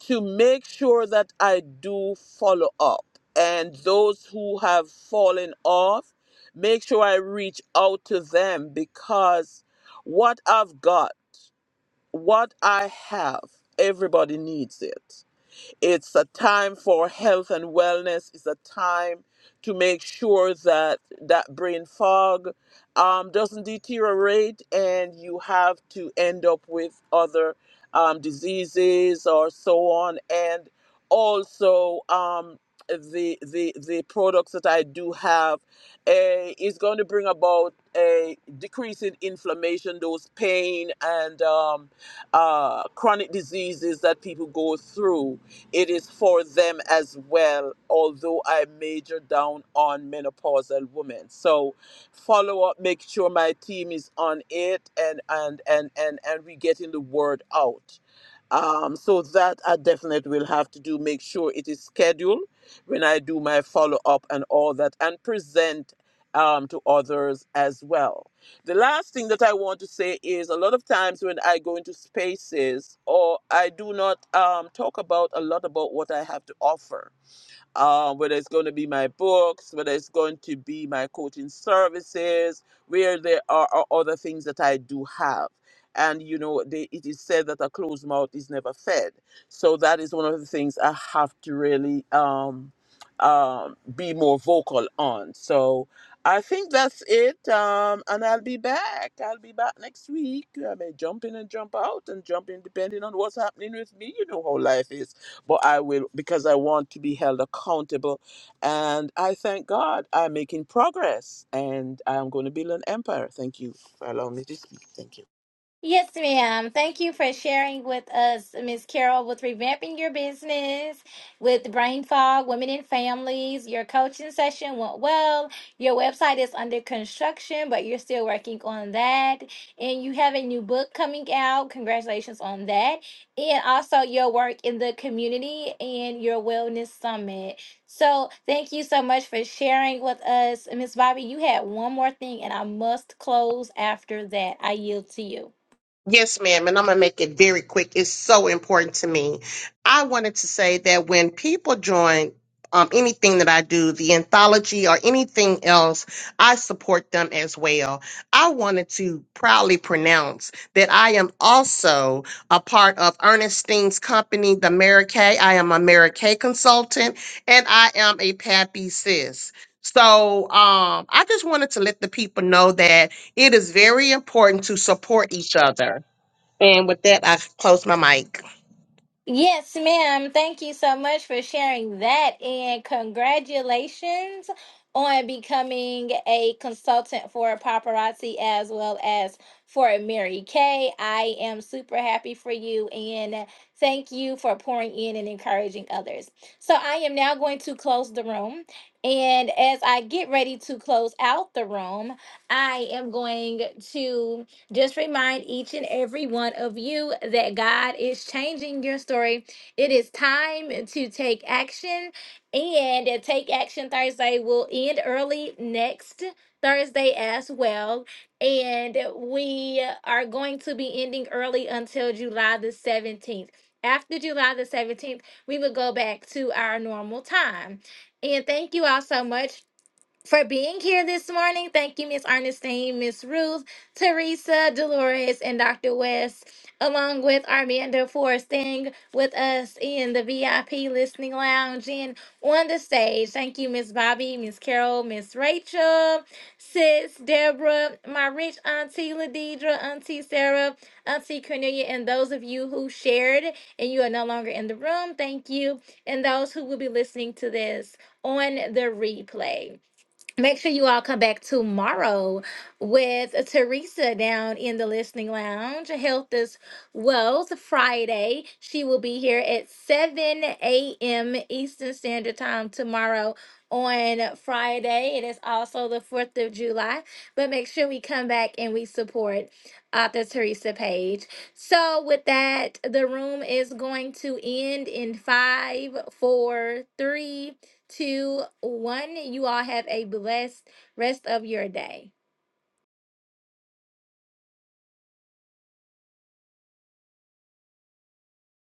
to make sure that I do follow up. And those who have fallen off, make sure I reach out to them because what I've got what I have, everybody needs it. It's a time for health and wellness. It's a time to make sure that that brain fog um, doesn't deteriorate and you have to end up with other um, diseases or so on. And also, um, the, the the products that I do have eh, is going to bring about a decrease in inflammation, those pain and um, uh, chronic diseases that people go through. It is for them as well, although I major down on menopausal women. So follow up, make sure my team is on it and and and and, and we getting the word out. Um, so that I definitely will have to do, make sure it is scheduled when I do my follow up and all that and present um, to others as well the last thing that I want to say is a lot of times when I go into spaces or I do not um, talk about a lot about what I have to offer um, whether it's going to be my books, whether it's going to be my coaching services, where there are, are other things that I do have. And you know, they, it is said that a closed mouth is never fed. So that is one of the things I have to really um, um, be more vocal on. So I think that's it. Um, and I'll be back. I'll be back next week. I may jump in and jump out and jump in depending on what's happening with me. You know how life is but I will because I want to be held accountable. And I thank God I'm making progress and I'm going to build an empire. Thank you for allowing me to speak. Thank you.
Yes, ma'am. Thank you for sharing with us, Miss Carol, with revamping your business, with brain fog, women and families. Your coaching session went well. Your website is under construction, but you're still working on that. And you have a new book coming out. Congratulations on that. And also your work in the community and your wellness summit. So thank you so much for sharing with us. Miss Bobby, you had one more thing, and I must close after that. I yield to you.
Yes, ma'am, and I'm going to make it very quick. It's so important to me. I wanted to say that when people join um, anything that I do, the anthology or anything else, I support them as well. I wanted to proudly pronounce that I am also a part of Ernestine's company, the Mary Kay. I am a Mary Kay consultant, and I am a Pappy Sis. So um, I just wanted to let the people know that it is very important to support each other. And with that, I close my mic.
Yes, ma'am. Thank you so much for sharing that. And congratulations on becoming a consultant for paparazzi as well as for Mary Kay. I am super happy for you and thank you for pouring in and encouraging others. So I am now going to close the room. And as I get ready to close out the room, I am going to just remind each and every one of you that God is changing your story. It is time to take action, and Take Action Thursday will end early next Thursday as well. And we are going to be ending early until July the 17th. After July the 17th, we will go back to our normal time. And thank you all so much for being here this morning. Thank you, Miss Ernestine, Miss Ruth, Teresa, Dolores, and Dr. West, along with Armanda for staying with us in the VIP listening lounge and on the stage. Thank you, Miss Bobby, Miss Carol, Miss Rachel, Sis, Deborah, my rich auntie Ladidra, Auntie Sarah, Auntie Cornelia, and those of you who shared and you are no longer in the room. Thank you. And those who will be listening to this on the replay. Make sure you all come back tomorrow with Teresa down in the listening lounge. Health is Wealth Friday. She will be here at 7 a.m. Eastern Standard Time tomorrow on Friday. It is also the 4th of July. But make sure we come back and we support author Teresa Page. So, with that, the room is going to end in five, four, three two, one. You all have a blessed rest of your day.